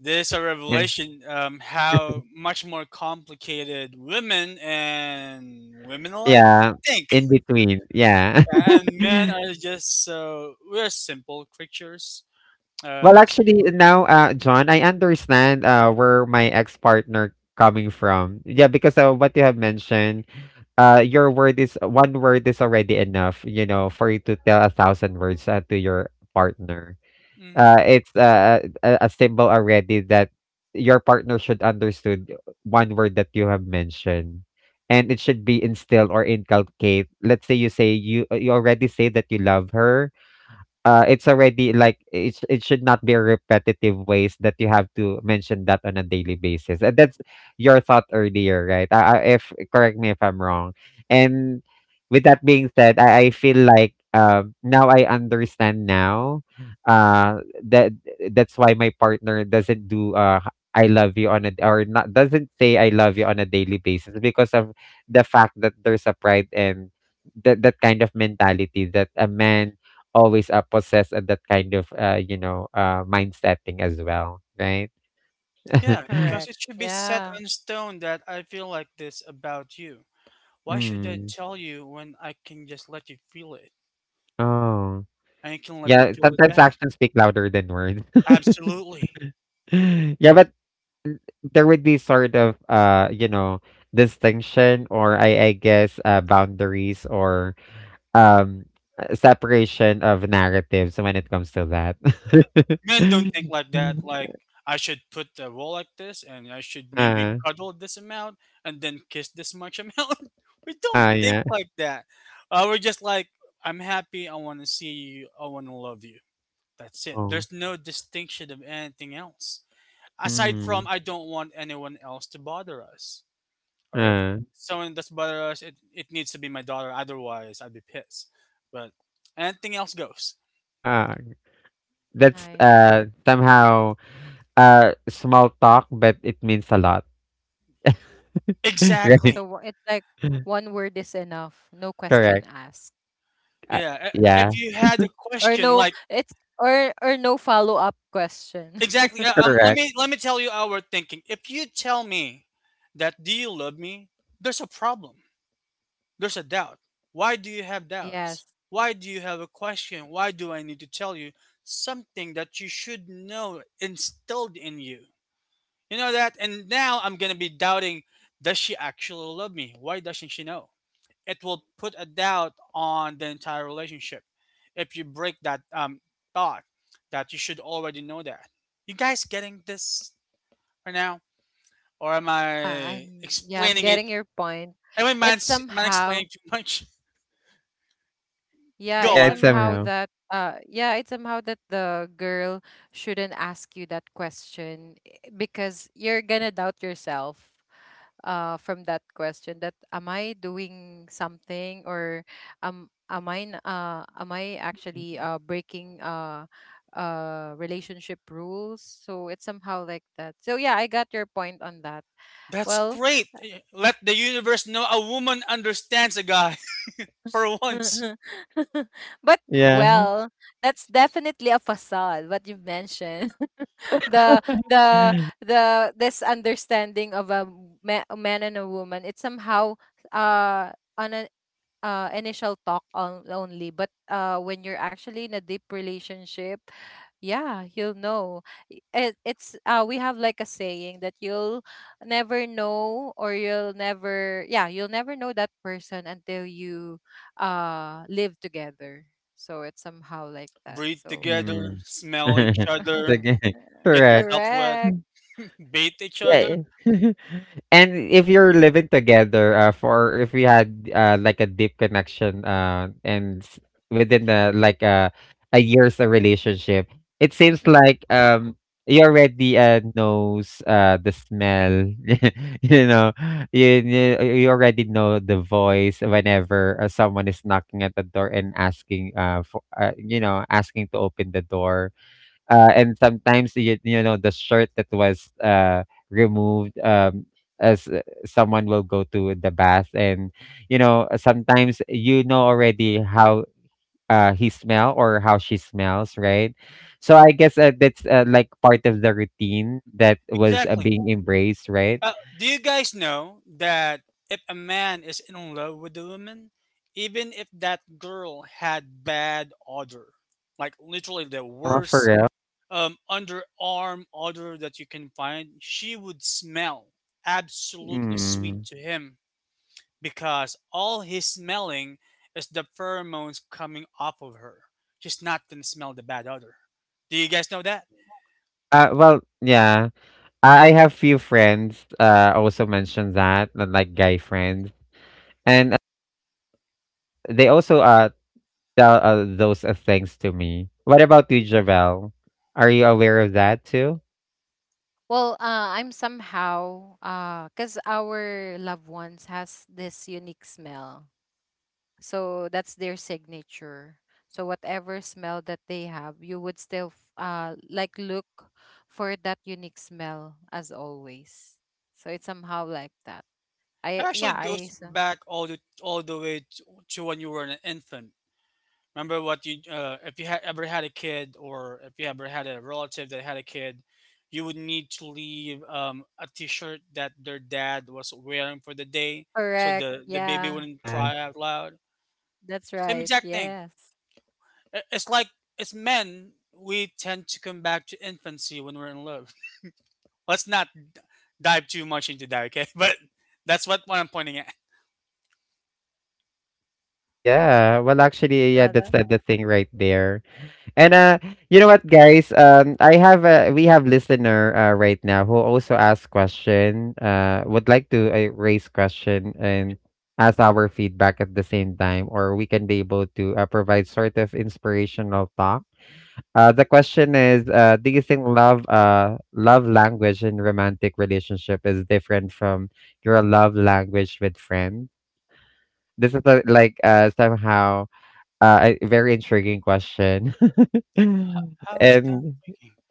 Speaker 2: This a
Speaker 1: eh,
Speaker 2: revelation. How much more complicated women and women alike
Speaker 1: yeah,
Speaker 2: think,
Speaker 1: in between, yeah.
Speaker 2: and
Speaker 1: (laughs)
Speaker 2: men are just, so we're simple creatures.
Speaker 1: Well,
Speaker 2: Um,
Speaker 1: actually, now, John, I understand where my ex-partner coming from. Yeah, because what you have mentioned, your word is one word is already enough, you know, for you to tell a thousand words to your partner.
Speaker 2: hmm,
Speaker 1: It's a symbol already that your partner should understood one word that you have mentioned. And it should be instilled or inculcate. Let's say you already say that you love her, it's already like it should not be repetitive ways that you have to mention that on a daily basis. And that's your thought earlier, right? If correct me if I'm wrong. And with that being said, I feel like now I understand now that that's why my partner doesn't do h- I love you on a or not doesn't say I love you on a daily basis because of the fact that there's a pride and that that kind of mentality that a man always, possess, that kind of, you know, mind setting as well, right?
Speaker 2: yeah,
Speaker 1: (laughs)
Speaker 2: because
Speaker 3: correct.
Speaker 2: it should be set
Speaker 3: Yeah,
Speaker 2: on stone that I feel like this about you. Why should I
Speaker 1: Mm.
Speaker 2: tell you when I can just let you feel it?
Speaker 1: Oh,
Speaker 2: And you can let me
Speaker 1: yeah.
Speaker 2: feel it
Speaker 1: Sometimes
Speaker 2: back.
Speaker 1: actions speak louder than words. (laughs)
Speaker 2: Absolutely.
Speaker 1: Yeah, but there would be sort of, you know, distinction or I guess, boundaries or um separation of narratives when it comes to that.
Speaker 2: Men don't think like
Speaker 1: (laughs)
Speaker 2: that. Like, I should put the roll like this, and I should maybe
Speaker 1: Uh,
Speaker 2: cuddle this amount, and then kiss this much amount. (laughs) We don't
Speaker 1: ah,
Speaker 2: think
Speaker 1: yeah.
Speaker 2: like that. We're just like, I'm happy. I want to see you. I want to love you. That's it.
Speaker 1: Oh.
Speaker 2: There's no distinction of anything else. Aside from,
Speaker 1: Mm.
Speaker 2: I don't want anyone else to bother us. Or if
Speaker 1: Uh,
Speaker 2: someone does bother us, it needs to be my daughter. Otherwise, I'd be pissed. But anything else goes.
Speaker 1: uh, That's,
Speaker 3: nice.
Speaker 1: somehow, small talk, but it means a lot, (laughs) right?
Speaker 3: So
Speaker 2: Exactly.
Speaker 3: it's like
Speaker 1: (laughs)
Speaker 3: one word is enough. No question
Speaker 1: Correct.
Speaker 3: asked,
Speaker 1: Uh,
Speaker 2: Yeah.
Speaker 1: yeah,
Speaker 2: If you had a
Speaker 3: or
Speaker 2: question,
Speaker 3: no,
Speaker 2: like
Speaker 3: it's or no follow up question.
Speaker 2: exactly. Let
Speaker 1: correct.
Speaker 2: me let me tell you our thinking. If you tell me that do you love me, there's a problem. There's a doubt. Why do you have
Speaker 3: (laughs)
Speaker 2: doubts?
Speaker 3: Yes.
Speaker 2: Why do you have a question? Why do I need to tell you something that you should know instilled in you? You know that? And now I'm going to be doubting, does she actually love me? Why doesn't she know? It will put a doubt on the entire relationship if you break that thought that you should already know that. You guys getting this right now? Or am
Speaker 3: Ah,
Speaker 2: I
Speaker 3: I'm yeah, I'm
Speaker 2: explaining it?
Speaker 3: getting your point.
Speaker 2: Am I
Speaker 3: It's
Speaker 2: man
Speaker 3: somehow
Speaker 2: explaining too much? (laughs)
Speaker 3: yeah,
Speaker 2: Go
Speaker 3: it's
Speaker 1: Yeah, it's
Speaker 2: on.
Speaker 3: somehow
Speaker 1: somehow.
Speaker 3: that yeah, it's somehow that the girl shouldn't ask you that question, eh, because you're gonna doubt yourself from that question that am I doing something, or am I actually breaking relationship rules. So it's somehow like that, so yeah, I got your point on that.
Speaker 2: That's
Speaker 3: Well,
Speaker 2: great. Eh, let the universe know a woman understands a guy (laughs) for once.
Speaker 3: (laughs) but
Speaker 1: Yeah.
Speaker 3: well, that's definitely a facade. What you mentioned, (laughs) the
Speaker 1: (laughs)
Speaker 3: the the this understanding of a a man and a woman, it's somehow uh on an initial talk on, only. But when you're actually in a deep relationship, yeah, you'll know. I- It, it's we have like a saying that you'll never, yeah, you'll never know that person until you live together. So it's somehow like that.
Speaker 2: Breathe
Speaker 3: So
Speaker 1: Mm.
Speaker 2: together, smell each
Speaker 3: (laughs)
Speaker 2: other,
Speaker 1: Sige, (laughs) (laughs)
Speaker 2: get
Speaker 1: correct.
Speaker 2: yourself wet.
Speaker 3: Correct.
Speaker 2: Bait each other.
Speaker 1: Yeah. (laughs) And if you're living together, for if we had like a deep connection, and within the like a year's a relationship, it seems like you already knows the smell, (laughs) you know, you you already know the voice whenever someone is knocking at the door and asking for you know asking to open the door, and sometimes you know the shirt that was removed as someone will go to the bath and you know sometimes you know already how he smell or how she smells right, so I guess that's like part of the routine that was
Speaker 2: Exactly.
Speaker 1: being embraced right.
Speaker 2: Do you guys know that if a man is in love with a woman, even if that girl had bad odor, like literally the
Speaker 1: Oh for
Speaker 2: worst
Speaker 1: real.
Speaker 2: underarm odor that you can find, she would smell absolutely sweet
Speaker 1: Mm.
Speaker 2: to him because all he's smelling is the pheromones coming off of her. She's not gonna smell the bad odor. Do you guys know that?
Speaker 1: Well yeah, I have few friends also mentioned that like guy friends and they also tell those things to me. What about you, Javel? Are you aware of that too?
Speaker 3: Well, I'm somehow, cause our loved ones has this unique smell, so that's their signature. So whatever smell that they have, you would still like look for that unique smell as always. So it's somehow like that.
Speaker 2: It
Speaker 3: I
Speaker 2: actually
Speaker 3: yeah, I
Speaker 2: goes
Speaker 3: so-
Speaker 2: back all the way to when you were an infant. Remember what you if you had ever had a kid or if you ever had a relative that had a kid, you would need to leave a T-shirt that their dad was wearing for the day, so
Speaker 3: Correct.
Speaker 2: the baby
Speaker 3: Yeah,
Speaker 2: wouldn't
Speaker 1: Yeah.
Speaker 2: cry out loud.
Speaker 3: that's
Speaker 2: Same
Speaker 3: right.
Speaker 2: exact thing.
Speaker 3: Yes.
Speaker 2: It's like it's men. We tend to come back to infancy when we're in love. (laughs) Let's not dive too much into that, okay? (laughs) But that's what I'm pointing at.
Speaker 1: Yeah. Well, actually, yeah, that's the thing right there. And you know what, guys? I have a we have listener right now who also asked question. Would like to raise question and ask our feedback at the same time, or we can be able to provide sort of inspirational talk. The question is, do you think love language in romantic relationship is different from your love language with friends? This is a, like somehow a very intriguing question. (laughs)
Speaker 2: How is time?
Speaker 1: And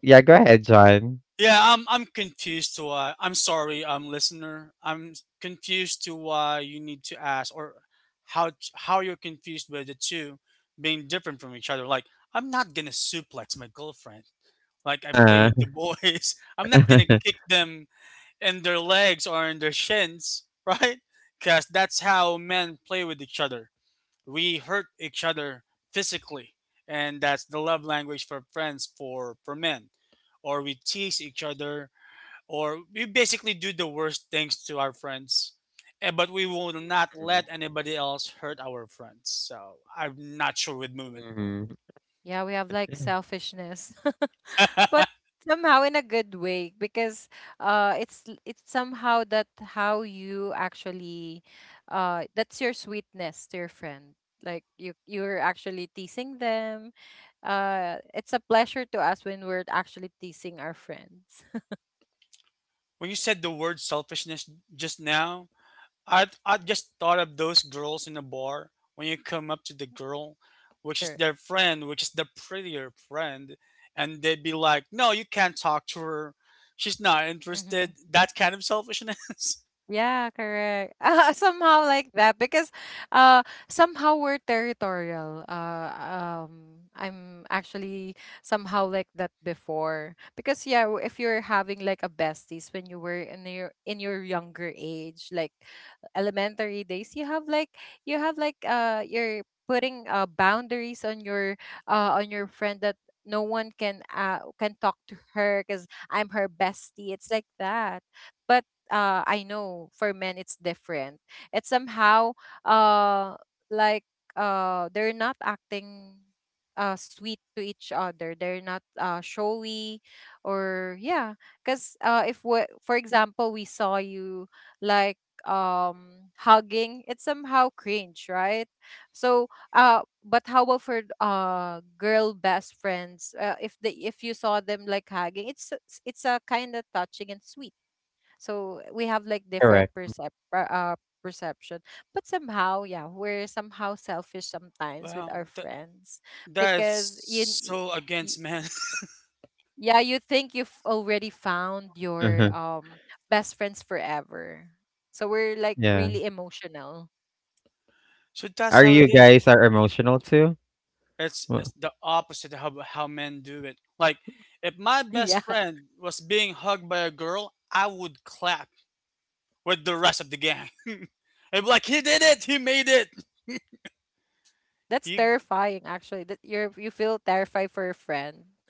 Speaker 1: yeah, go ahead, John.
Speaker 2: Yeah, I'm confused to why. I'm sorry, listener. Confused to why you need to ask or how you're confused with the two being different from each other. Like, I'm not gonna suplex my girlfriend. Like I play
Speaker 1: Uh,
Speaker 2: with the boys. (laughs) I'm not gonna
Speaker 1: (laughs)
Speaker 2: kick them in their legs or in their shins, (laughs) right? Because that's how men play with each other. We hurt each other physically, and that's the love language for friends for men, or we tease each other, or we basically do the worst things to our friends, but we will not let anybody else hurt our friends. So I'm not sure with movement.
Speaker 1: mm-hmm.
Speaker 3: Yeah, we have like selfishness. (laughs) but somehow in a good way because it's somehow that how you actually that's your sweetness to your friend. Like you're actually teasing them. It's a pleasure to us when we're actually teasing our friends. (laughs)
Speaker 2: When you said the word selfishness just now, I just thought of those girls in a bar when you come up to the girl, which is
Speaker 3: Sure.
Speaker 2: their friend, which is the prettier friend, and they'd be like, no, you can't talk to her, she's not
Speaker 3: Mm-hmm.
Speaker 2: interested. That kind of selfishness.
Speaker 3: Yeah, correct. (laughs) Ah, somehow like that because somehow we're territorial. Um I'm actually somehow like that before because yeah, if you're having like a besties when you were in your younger age, like elementary days, you have like you're putting boundaries on your friend that no one can talk to her because I'm her bestie. It's like that. But I know for men it's different. It's somehow uh like they're not acting sweet to each other. They're not showy or yeah. Cause if we, for example, we saw you like hugging, it's somehow cringe, right? So but how about for girl best friends? If the if you saw them like hugging, it's a kind of touching and sweet, so we have like different
Speaker 1: Correct.
Speaker 3: perception. But somehow, yeah, we're somehow selfish
Speaker 2: (laughs)
Speaker 3: sometimes with
Speaker 2: wow
Speaker 3: our
Speaker 2: th-
Speaker 3: friends
Speaker 2: that is
Speaker 3: because
Speaker 2: so
Speaker 3: y-
Speaker 2: against man.
Speaker 3: yeah, you think you've already found your
Speaker 1: Uh-huh.
Speaker 3: best friends forever, so we're like
Speaker 1: Yeah.
Speaker 3: really emotional.
Speaker 2: So that's
Speaker 1: Are
Speaker 2: how
Speaker 1: you
Speaker 2: it is.
Speaker 1: guys are emotional too?
Speaker 2: It's
Speaker 1: Wha-
Speaker 2: it's the opposite of how men do it. Like, if my best
Speaker 3: (laughs) Yeah,
Speaker 2: friend was being hugged by a girl, I would clap with the rest of the gang. (laughs) And like, he did it, he made it.
Speaker 3: that's
Speaker 2: He
Speaker 3: terrifying actually, that you're you feel terrified for your friend.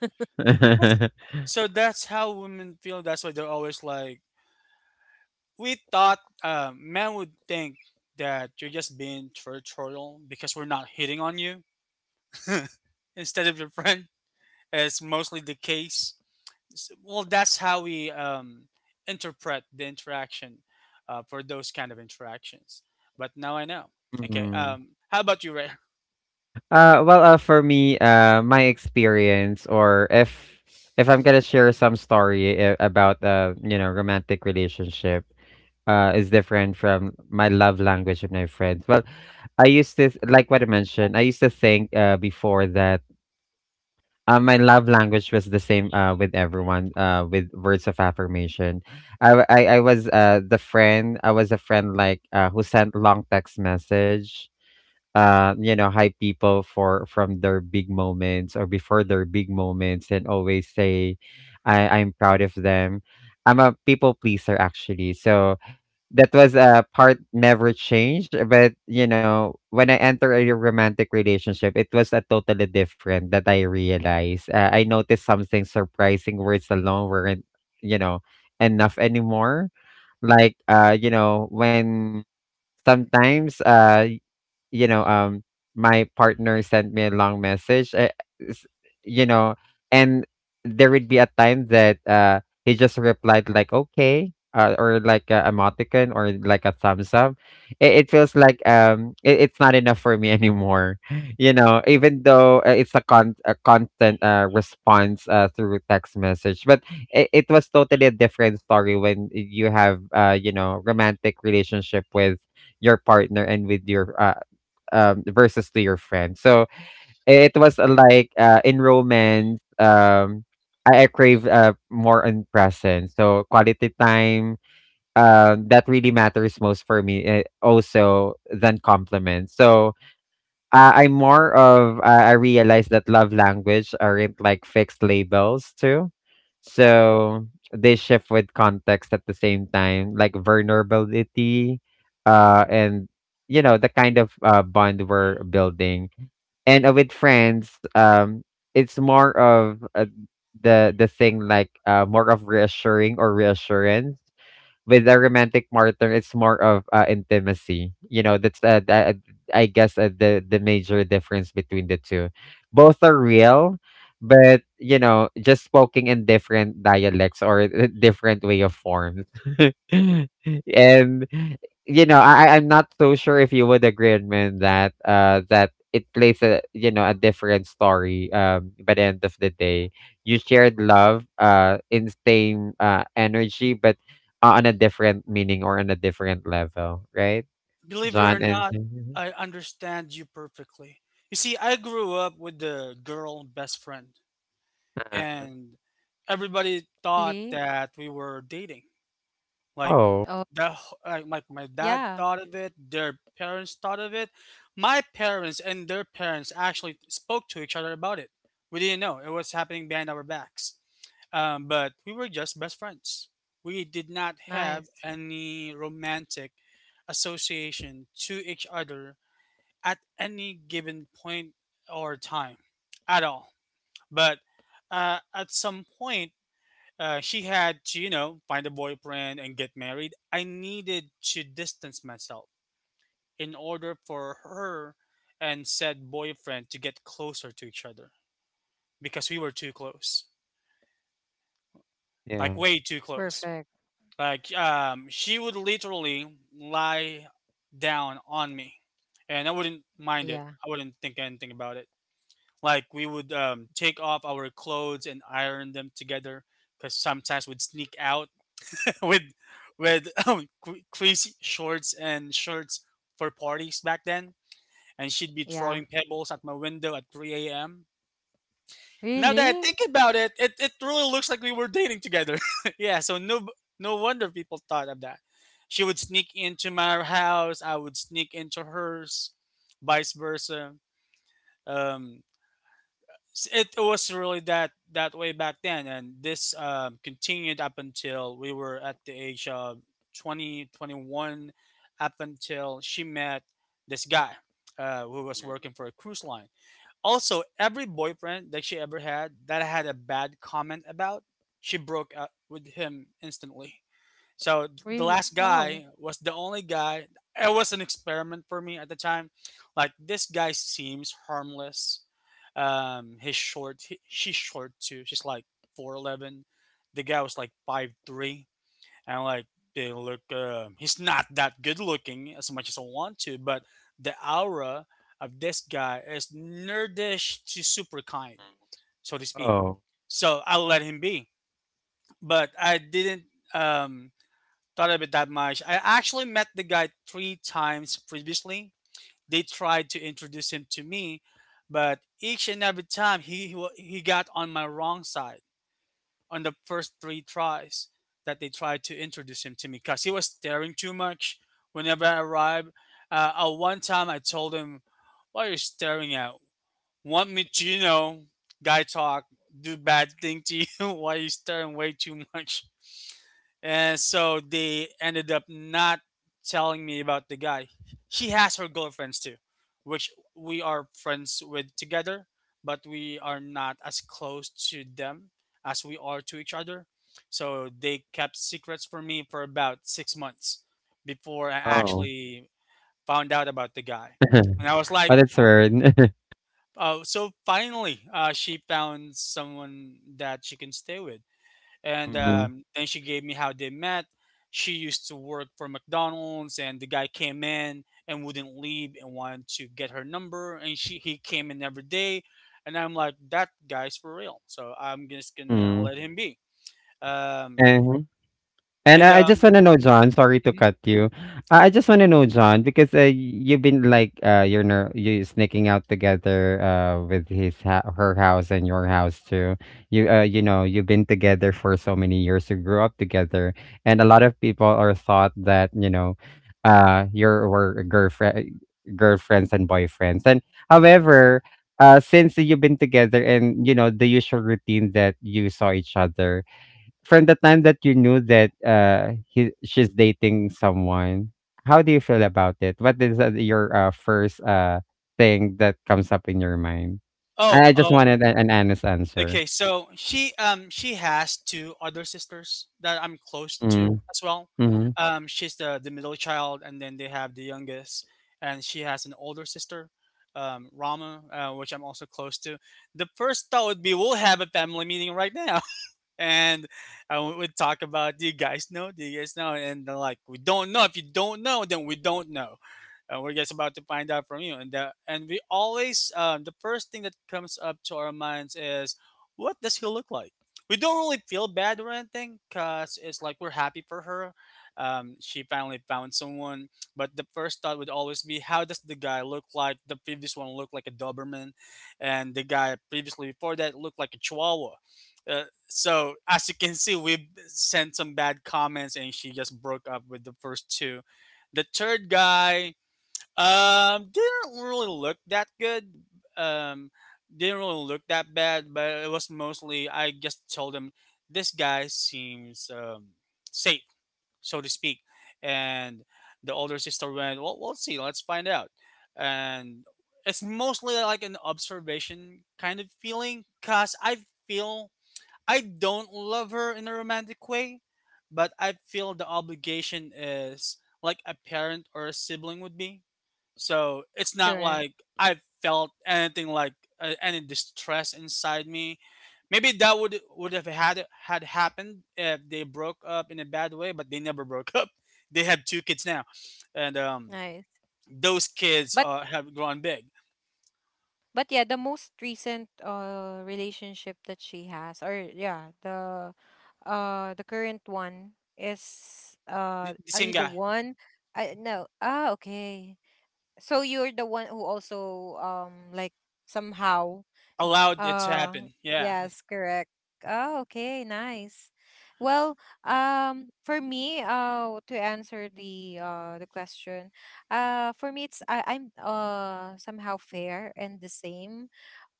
Speaker 2: that's,
Speaker 1: (laughs)
Speaker 2: so that's how women feel. That's why they're always like, we thought men would think that you're just being territorial because we're not hitting on you, (laughs) instead of your friend. It's mostly the case. Well, that's how we interpret the interaction, for those kind of interactions. But now I know. Okay,
Speaker 1: Mhm.
Speaker 2: how about you, Ray?
Speaker 1: Well, for me, my experience, or if I'm gonna share some story about you know, romantic relationship, is different from my love language with my friends. Well, I used to like what I mentioned. I used to think before that my love language was the same with everyone with words of affirmation. I was the friend. I was a friend like who sent long text message, you know, hype people for from their big moments or before their big moments and always say, I'm proud of them. I'm a people pleaser actually. So that was a part never changed. But you know, when I enter a romantic relationship, it was a totally different that I realized. I noticed something surprising, words alone weren't, you know, enough anymore. Like when sometimes you know, um, my partner sent me a long message, s- you know, and there would be a time that he just replied like okay, or like a emoticon or like a thumbs up. It feels like it's not enough for me anymore, (laughs) Even though it's a constant response through text message, but it was totally a different story when you have uh romantic relationship with your partner and with your versus to your friend. So it was in romance. I crave more on presence. So quality time. That really matters most for me. Also than compliments. So I'm more of I realized that love language aren't like fixed labels too. So they shift with context at the same time, like vulnerability, and the kind of bond we're building. And with friends, it's more of the thing like more of reassuring or reassurance with a romantic partner, it's more of intimacy. You know, that's I guess the major difference between the two. Both are real, but just spoken in different dialects or (laughs) different way of forms. (laughs) And I'm not so sure if you would agree with me on that that it plays a a different story by the end of the day. You shared love in same energy but on a different meaning or on a different level, right?
Speaker 2: Believe it or
Speaker 1: John and
Speaker 2: not, I understand you perfectly. You see, I grew up with the girl best friend,
Speaker 1: uh,
Speaker 2: and everybody thought
Speaker 3: Really?
Speaker 2: that we were dating.
Speaker 1: (laughs)
Speaker 2: Like
Speaker 1: oh,
Speaker 3: Oh,
Speaker 2: like my dad
Speaker 3: yeah.
Speaker 2: thought of it, their parents thought of it, my parents and their parents actually spoke to each other about it. We didn't know it was happening behind our backs, but we were just best friends. We did not have
Speaker 3: Nice.
Speaker 2: any romantic association to each other at any given point or time at all. But at some point, she had to, you know, find a boyfriend and get married. I needed to distance myself in order for her and said boyfriend to get closer to each other because we were too close, like
Speaker 1: yeah.
Speaker 2: way too close.
Speaker 3: Perfect.
Speaker 2: Like she would literally lie down on me, and I wouldn't mind it.
Speaker 3: Yeah.
Speaker 2: I wouldn't think anything about it. Like, we would take off our clothes and iron them together because sometimes we'd sneak out (laughs) with with crazy shorts and shirts for parties back then, and she'd be
Speaker 3: Yeah.
Speaker 2: throwing pebbles at my window at 3 a.m. Now that I
Speaker 3: Really.
Speaker 2: think about it, it really looks like we were dating together. (laughs) Yeah, so no, no wonder people thought of that. She would sneak into my house, I would sneak into hers, vice versa. Um, it was really that way back then, and this continued up until we were at the age of 20 21, up until she met this guy who was
Speaker 1: Mhm.
Speaker 2: working for a cruise line. Also, every boyfriend that she ever had that I had a bad comment about, she broke up with him instantly. So the
Speaker 3: Really.
Speaker 2: last
Speaker 3: Oh.
Speaker 2: guy was the only guy. It was an experiment for me at the time. Like, this guy seems harmless. He's short. She's short too. She's like 4'11". The guy was like 5'3", and like they look. He's not that good looking as much as I want to, but the aura of this guy is nerdish to super kind, so to speak.
Speaker 1: Oh,
Speaker 2: So I let him be, but I didn't. Um, thought of it that much. I actually met the guy 3 times previously. They tried to introduce him to me, but each and every time he got on my wrong side on the first 3 tries that they tried to introduce him to me because he was staring too much whenever I arrived. At one time, I told him, "What are you staring at? Want me to, you know, guy talk, do bad thing to you? (laughs) Why are you staring way too much?" And so they ended up not telling me about the guy. She has her girlfriends too, which we are friends with together, but we are not as close to them as we are to each other. So they kept secrets from me for about 6 months before I
Speaker 1: oh.
Speaker 2: actually found out about the guy.
Speaker 1: (laughs)
Speaker 2: And I was like,
Speaker 1: Oh, that's weird. (laughs)
Speaker 2: oh, so finally, she found someone that she can stay with, and
Speaker 1: Mm,
Speaker 2: then she gave me how they met. She used to work for McDonald's, and the guy came in and wouldn't leave and wanted to get her number, and she he came in every day, and I'm like, that guy's for real, so I'm just gonna
Speaker 1: mm.
Speaker 2: let him be. Um,
Speaker 1: uh And
Speaker 2: and
Speaker 1: I just wanna know, John, sorry to
Speaker 2: Mhm.
Speaker 1: cut you. I just wanna know, John, because, you've been like, you sneaking out together, with his ha her house and your house too. You, you've been together for so many years. You grew up together, and a lot of people are thought that, your were girlfriends and boyfriends. And however, since you've been together and, the usual routine that you saw each other, from the time that you knew that he she's dating someone, how do you feel about it? What is your first thing that comes up in your mind?
Speaker 2: Oh,
Speaker 1: I just
Speaker 2: oh.
Speaker 1: wanted an honest answer.
Speaker 2: Okay, so she has 2 other sisters that I'm close
Speaker 1: Mm.
Speaker 2: to as well.
Speaker 1: Mm.
Speaker 2: She's the middle child, and then they have the youngest, and she has an older sister, Rama, which I'm also close to. The first thought would be, we'll have a family meeting right now, (laughs) and we would talk about, do you guys know, do you guys know, and they're like, we don't know. If you don't know, then we don't know, and we're just about to find out from you. And we always, the first thing that comes up to our minds is, what does he look like? We don't really feel bad or anything, cause it's like we're happy for her. She finally found someone, but the first thought would always be, how does the guy look like? The previous one looked like a Doberman, and the guy previously before that looked like a Chihuahua. So as you can see, we sent some bad comments, and she just broke up with the first two. The third guy, didn't really look that good. Um, didn't really look that bad, but it was mostly I just told him, this guy seems, safe, so to speak. And the older sister went, well, we'll see, let's find out. And it's mostly like an observation kind of feeling, cause I feel I don't love her in a romantic way, but I feel the obligation is like a parent or a sibling would be. So it's not
Speaker 3: Correct.
Speaker 2: like I felt anything like any distress inside me. Maybe that would have had happened if they broke up in a bad way, but they never (laughs) broke up. They have 2 kids now, and
Speaker 3: Nice.
Speaker 2: those kids
Speaker 3: But
Speaker 2: have grown big.
Speaker 3: but yeah, the most recent relationship that she has, or yeah, the current one is,
Speaker 2: The
Speaker 3: are you
Speaker 2: same
Speaker 3: the
Speaker 2: guy
Speaker 3: one? I no. Ah, okay. So you're the one who also like somehow.
Speaker 2: allowed it to
Speaker 3: Oh,
Speaker 2: happen. Yeah.
Speaker 3: yes, correct. Oh, okay, nice. Well, for me, to answer the question, for me it's I'm somehow fair and the same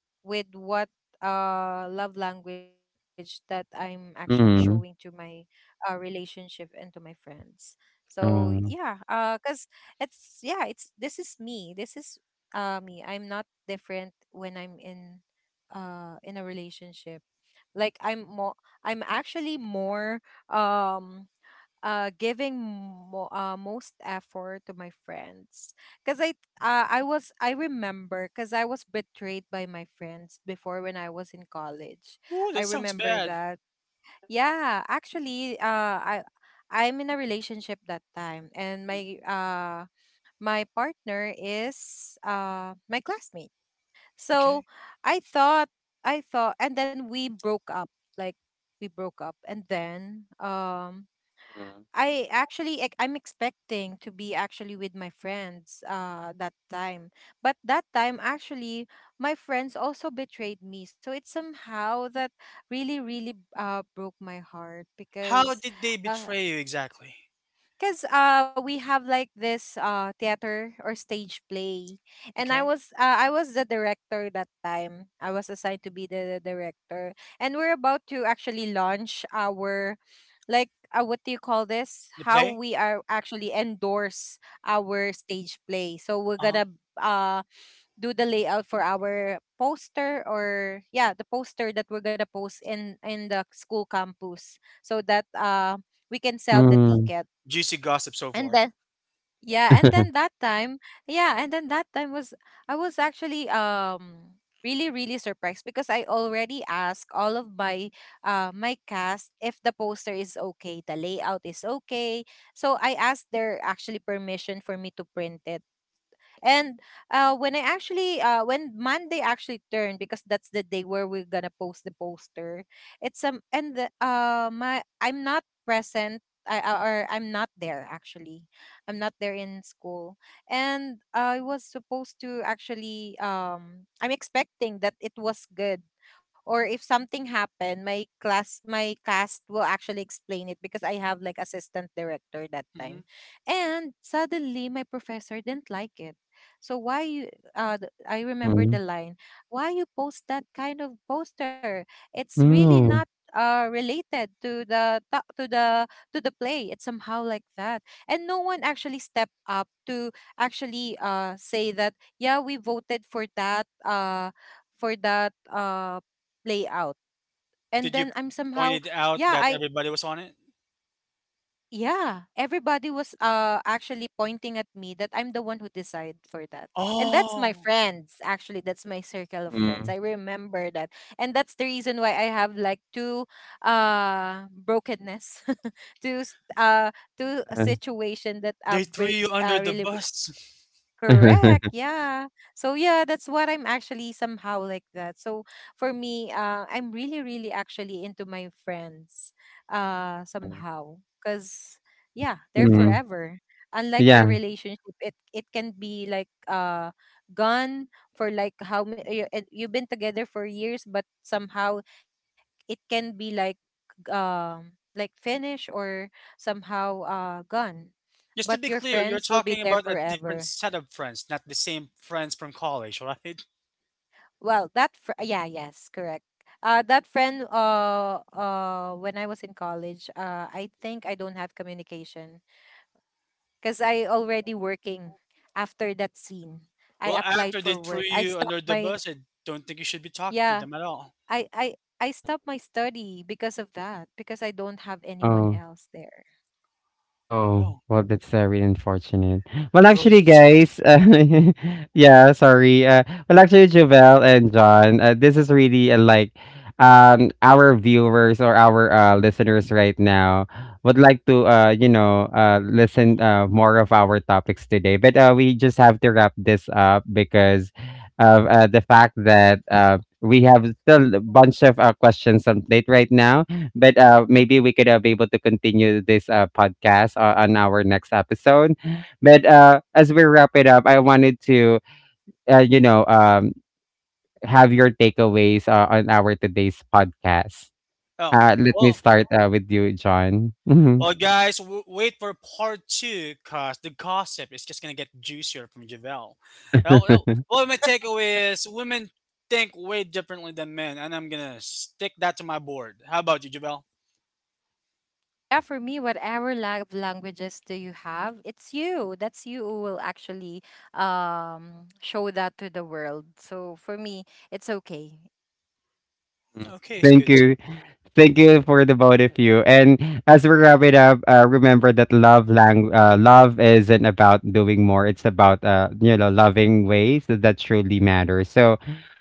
Speaker 3: with what love language that I'm actually showing to my
Speaker 1: Mm.
Speaker 3: relationship and to my friends. So yeah,
Speaker 1: Mm.
Speaker 3: cause it's yeah, it's this is me. This is me. I'm not different when I'm in a relationship. Like I'm more, I'm actually more um giving most effort to my friends because I was I remember because I was betrayed by my friends before when I was in college.
Speaker 2: Ooh,
Speaker 3: I
Speaker 2: that sounds
Speaker 3: remember
Speaker 2: bad.
Speaker 3: that. Yeah, actually, I I'm in a relationship that time, and my my partner is my classmate. So
Speaker 2: Okay.
Speaker 3: I thought I thought, and then we broke up. Like we broke up, and then I actually I'm expecting to be actually with my friends that time. But that time actually my friends also betrayed me. So it's somehow that really really broke my heart
Speaker 2: How
Speaker 3: because
Speaker 2: did they
Speaker 3: uh
Speaker 2: betray you exactly?
Speaker 3: cuz we have like this theater or stage play, and
Speaker 2: Okay.
Speaker 3: I was the director that time. I was assigned to be the director, and we're about to actually launch our like what do you call this,
Speaker 2: The
Speaker 3: how
Speaker 2: play?
Speaker 3: we are actually endorse our stage play, so we're
Speaker 2: Uh huh.
Speaker 3: gonna uh do the layout for our poster, or yeah, the poster that we're gonna post in the school campus so that we can sell the
Speaker 1: Mm.
Speaker 3: ticket.
Speaker 2: Juicy gossip so
Speaker 3: And
Speaker 2: far.
Speaker 3: then yeah, and then that time, yeah, and then that time was I was actually really really surprised because I already asked all of my my cast if the poster is okay, the layout is okay. So I asked their actually permission for me to print it. And when I actually, when Monday actually turned, because that's the day where we're gonna post the poster. It's and the, my I'm not present. Or I'm not there actually. I'm not there in school, and I was supposed to actually. I'm expecting that it was good, or if something happened, my class, my cast will actually explain it because I have like assistant director that
Speaker 2: Mm-hmm.
Speaker 3: time. And suddenly my professor didn't like it. So why you I remember the
Speaker 1: Mm.
Speaker 3: line, why you post that kind of poster? It's really not related to the to the play. It's somehow like that. And no one actually stepped up to actually say that yeah, we voted for that play out. And
Speaker 2: Did you
Speaker 3: then I'm
Speaker 2: point
Speaker 3: somehow,
Speaker 2: it out
Speaker 3: yeah,
Speaker 2: that
Speaker 3: I
Speaker 2: everybody was on it?
Speaker 3: yeah, everybody was actually pointing at me that I'm the one who decided for that. And that's my
Speaker 2: Oh,
Speaker 3: friends, actually. That's my circle of friends.
Speaker 1: Mm.
Speaker 3: I remember that. And that's the reason why I have like two brokenness, (laughs) two
Speaker 1: uh,
Speaker 3: situation that
Speaker 2: they threw
Speaker 3: break
Speaker 2: you under the
Speaker 3: really
Speaker 2: bus.
Speaker 3: Correct. Yeah. So yeah, that's what I'm actually somehow like that. So for me, I'm really, really actually into my friends,
Speaker 1: (laughs)
Speaker 3: somehow, cause yeah,
Speaker 1: (laughs)
Speaker 3: they're
Speaker 1: mm.
Speaker 3: forever. Unlike your
Speaker 1: Yeah.
Speaker 3: relationship, it can be like gone for like how many you, and you've been together for years, but somehow it can be like finished, or somehow gone.
Speaker 2: (laughs) Just to
Speaker 3: But
Speaker 2: be
Speaker 3: your
Speaker 2: clear, you're
Speaker 3: friends will be
Speaker 2: talking
Speaker 3: there
Speaker 2: about a different
Speaker 3: forever.
Speaker 2: set of friends, not the same friends from college, right? (laughs)
Speaker 3: Well, that fr- yeah, yes, correct. That friend. When I was in college, I think I don't have communication because I already working after that scene. I
Speaker 2: Well,
Speaker 3: applied
Speaker 2: after they
Speaker 3: for
Speaker 2: threw
Speaker 3: work. I
Speaker 2: you
Speaker 3: stopped
Speaker 2: under the
Speaker 3: my
Speaker 2: bus, I don't think you should be talking to
Speaker 3: yeah.
Speaker 2: them at all.
Speaker 3: I I I stopped my study because of that because I don't have anyone
Speaker 1: Oh.
Speaker 3: else there.
Speaker 1: Oh,
Speaker 2: Oh,
Speaker 1: well, that's really unfortunate. Well, actually,
Speaker 2: religious custom.
Speaker 1: guys, (laughs) yeah, sorry. Well, actually, Jovel and John, this is really our viewers or our listeners right now would like to listen more of our topics today, but we just have to wrap this up because of the fact that we have still a bunch of questions on plate right now, but maybe we could be able to continue this podcast on our next episode. But as we wrap it up, I wanted to, uh, you know, um, have your takeaways on our today's podcast.
Speaker 2: Oh,
Speaker 1: Let me
Speaker 2: well.
Speaker 1: start with you, John. Mhm.
Speaker 2: Well, guys, wait for part two because the gossip is just going to get juicier from Javel. Well, well,
Speaker 1: (laughs)
Speaker 2: well, my takeaway is, women think way differently than men, and I'm going to stick that to my board. How about you, Javel?
Speaker 3: Yeah, for me, whatever love languages do you have, it's you. That's you who will actually show that to the world. So for me, it's okay.
Speaker 2: Okay, it's
Speaker 1: Thank
Speaker 2: good too.
Speaker 1: you. Thank you for the both of you. And as we wrap it up, remember that love isn't about doing more. It's about loving ways that truly matter. So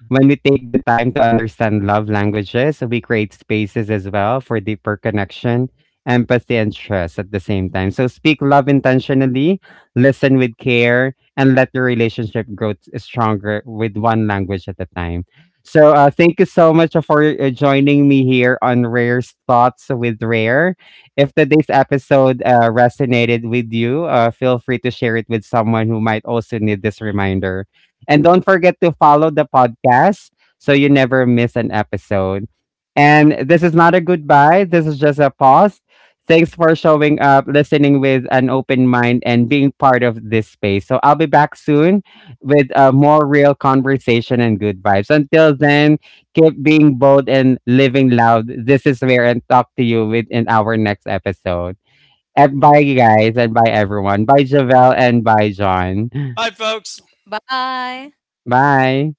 Speaker 1: when we take the time to understand love languages, we create spaces as well for deeper connection, empathy, and trust at the same time. So speak love intentionally, listen with care, and let your relationship grow stronger with one language at a time. So thank you so much for joining me here on Rare's Thoughts with Rare. If today's episode resonated with you, feel free to share it with someone who might also need this reminder. And don't forget to follow the podcast so you never miss an episode. And this is not a goodbye, this is just a pause. Thanks for showing up, listening with an open mind, and being part of this space. So I'll be back soon with a more real conversation and good vibes. Until then, keep being bold and living loud. This is where and talk to you with in our next episode. And bye, you guys, and bye, everyone. Bye, Javelle, and bye, John.
Speaker 2: Bye, folks.
Speaker 3: Bye.
Speaker 1: Bye.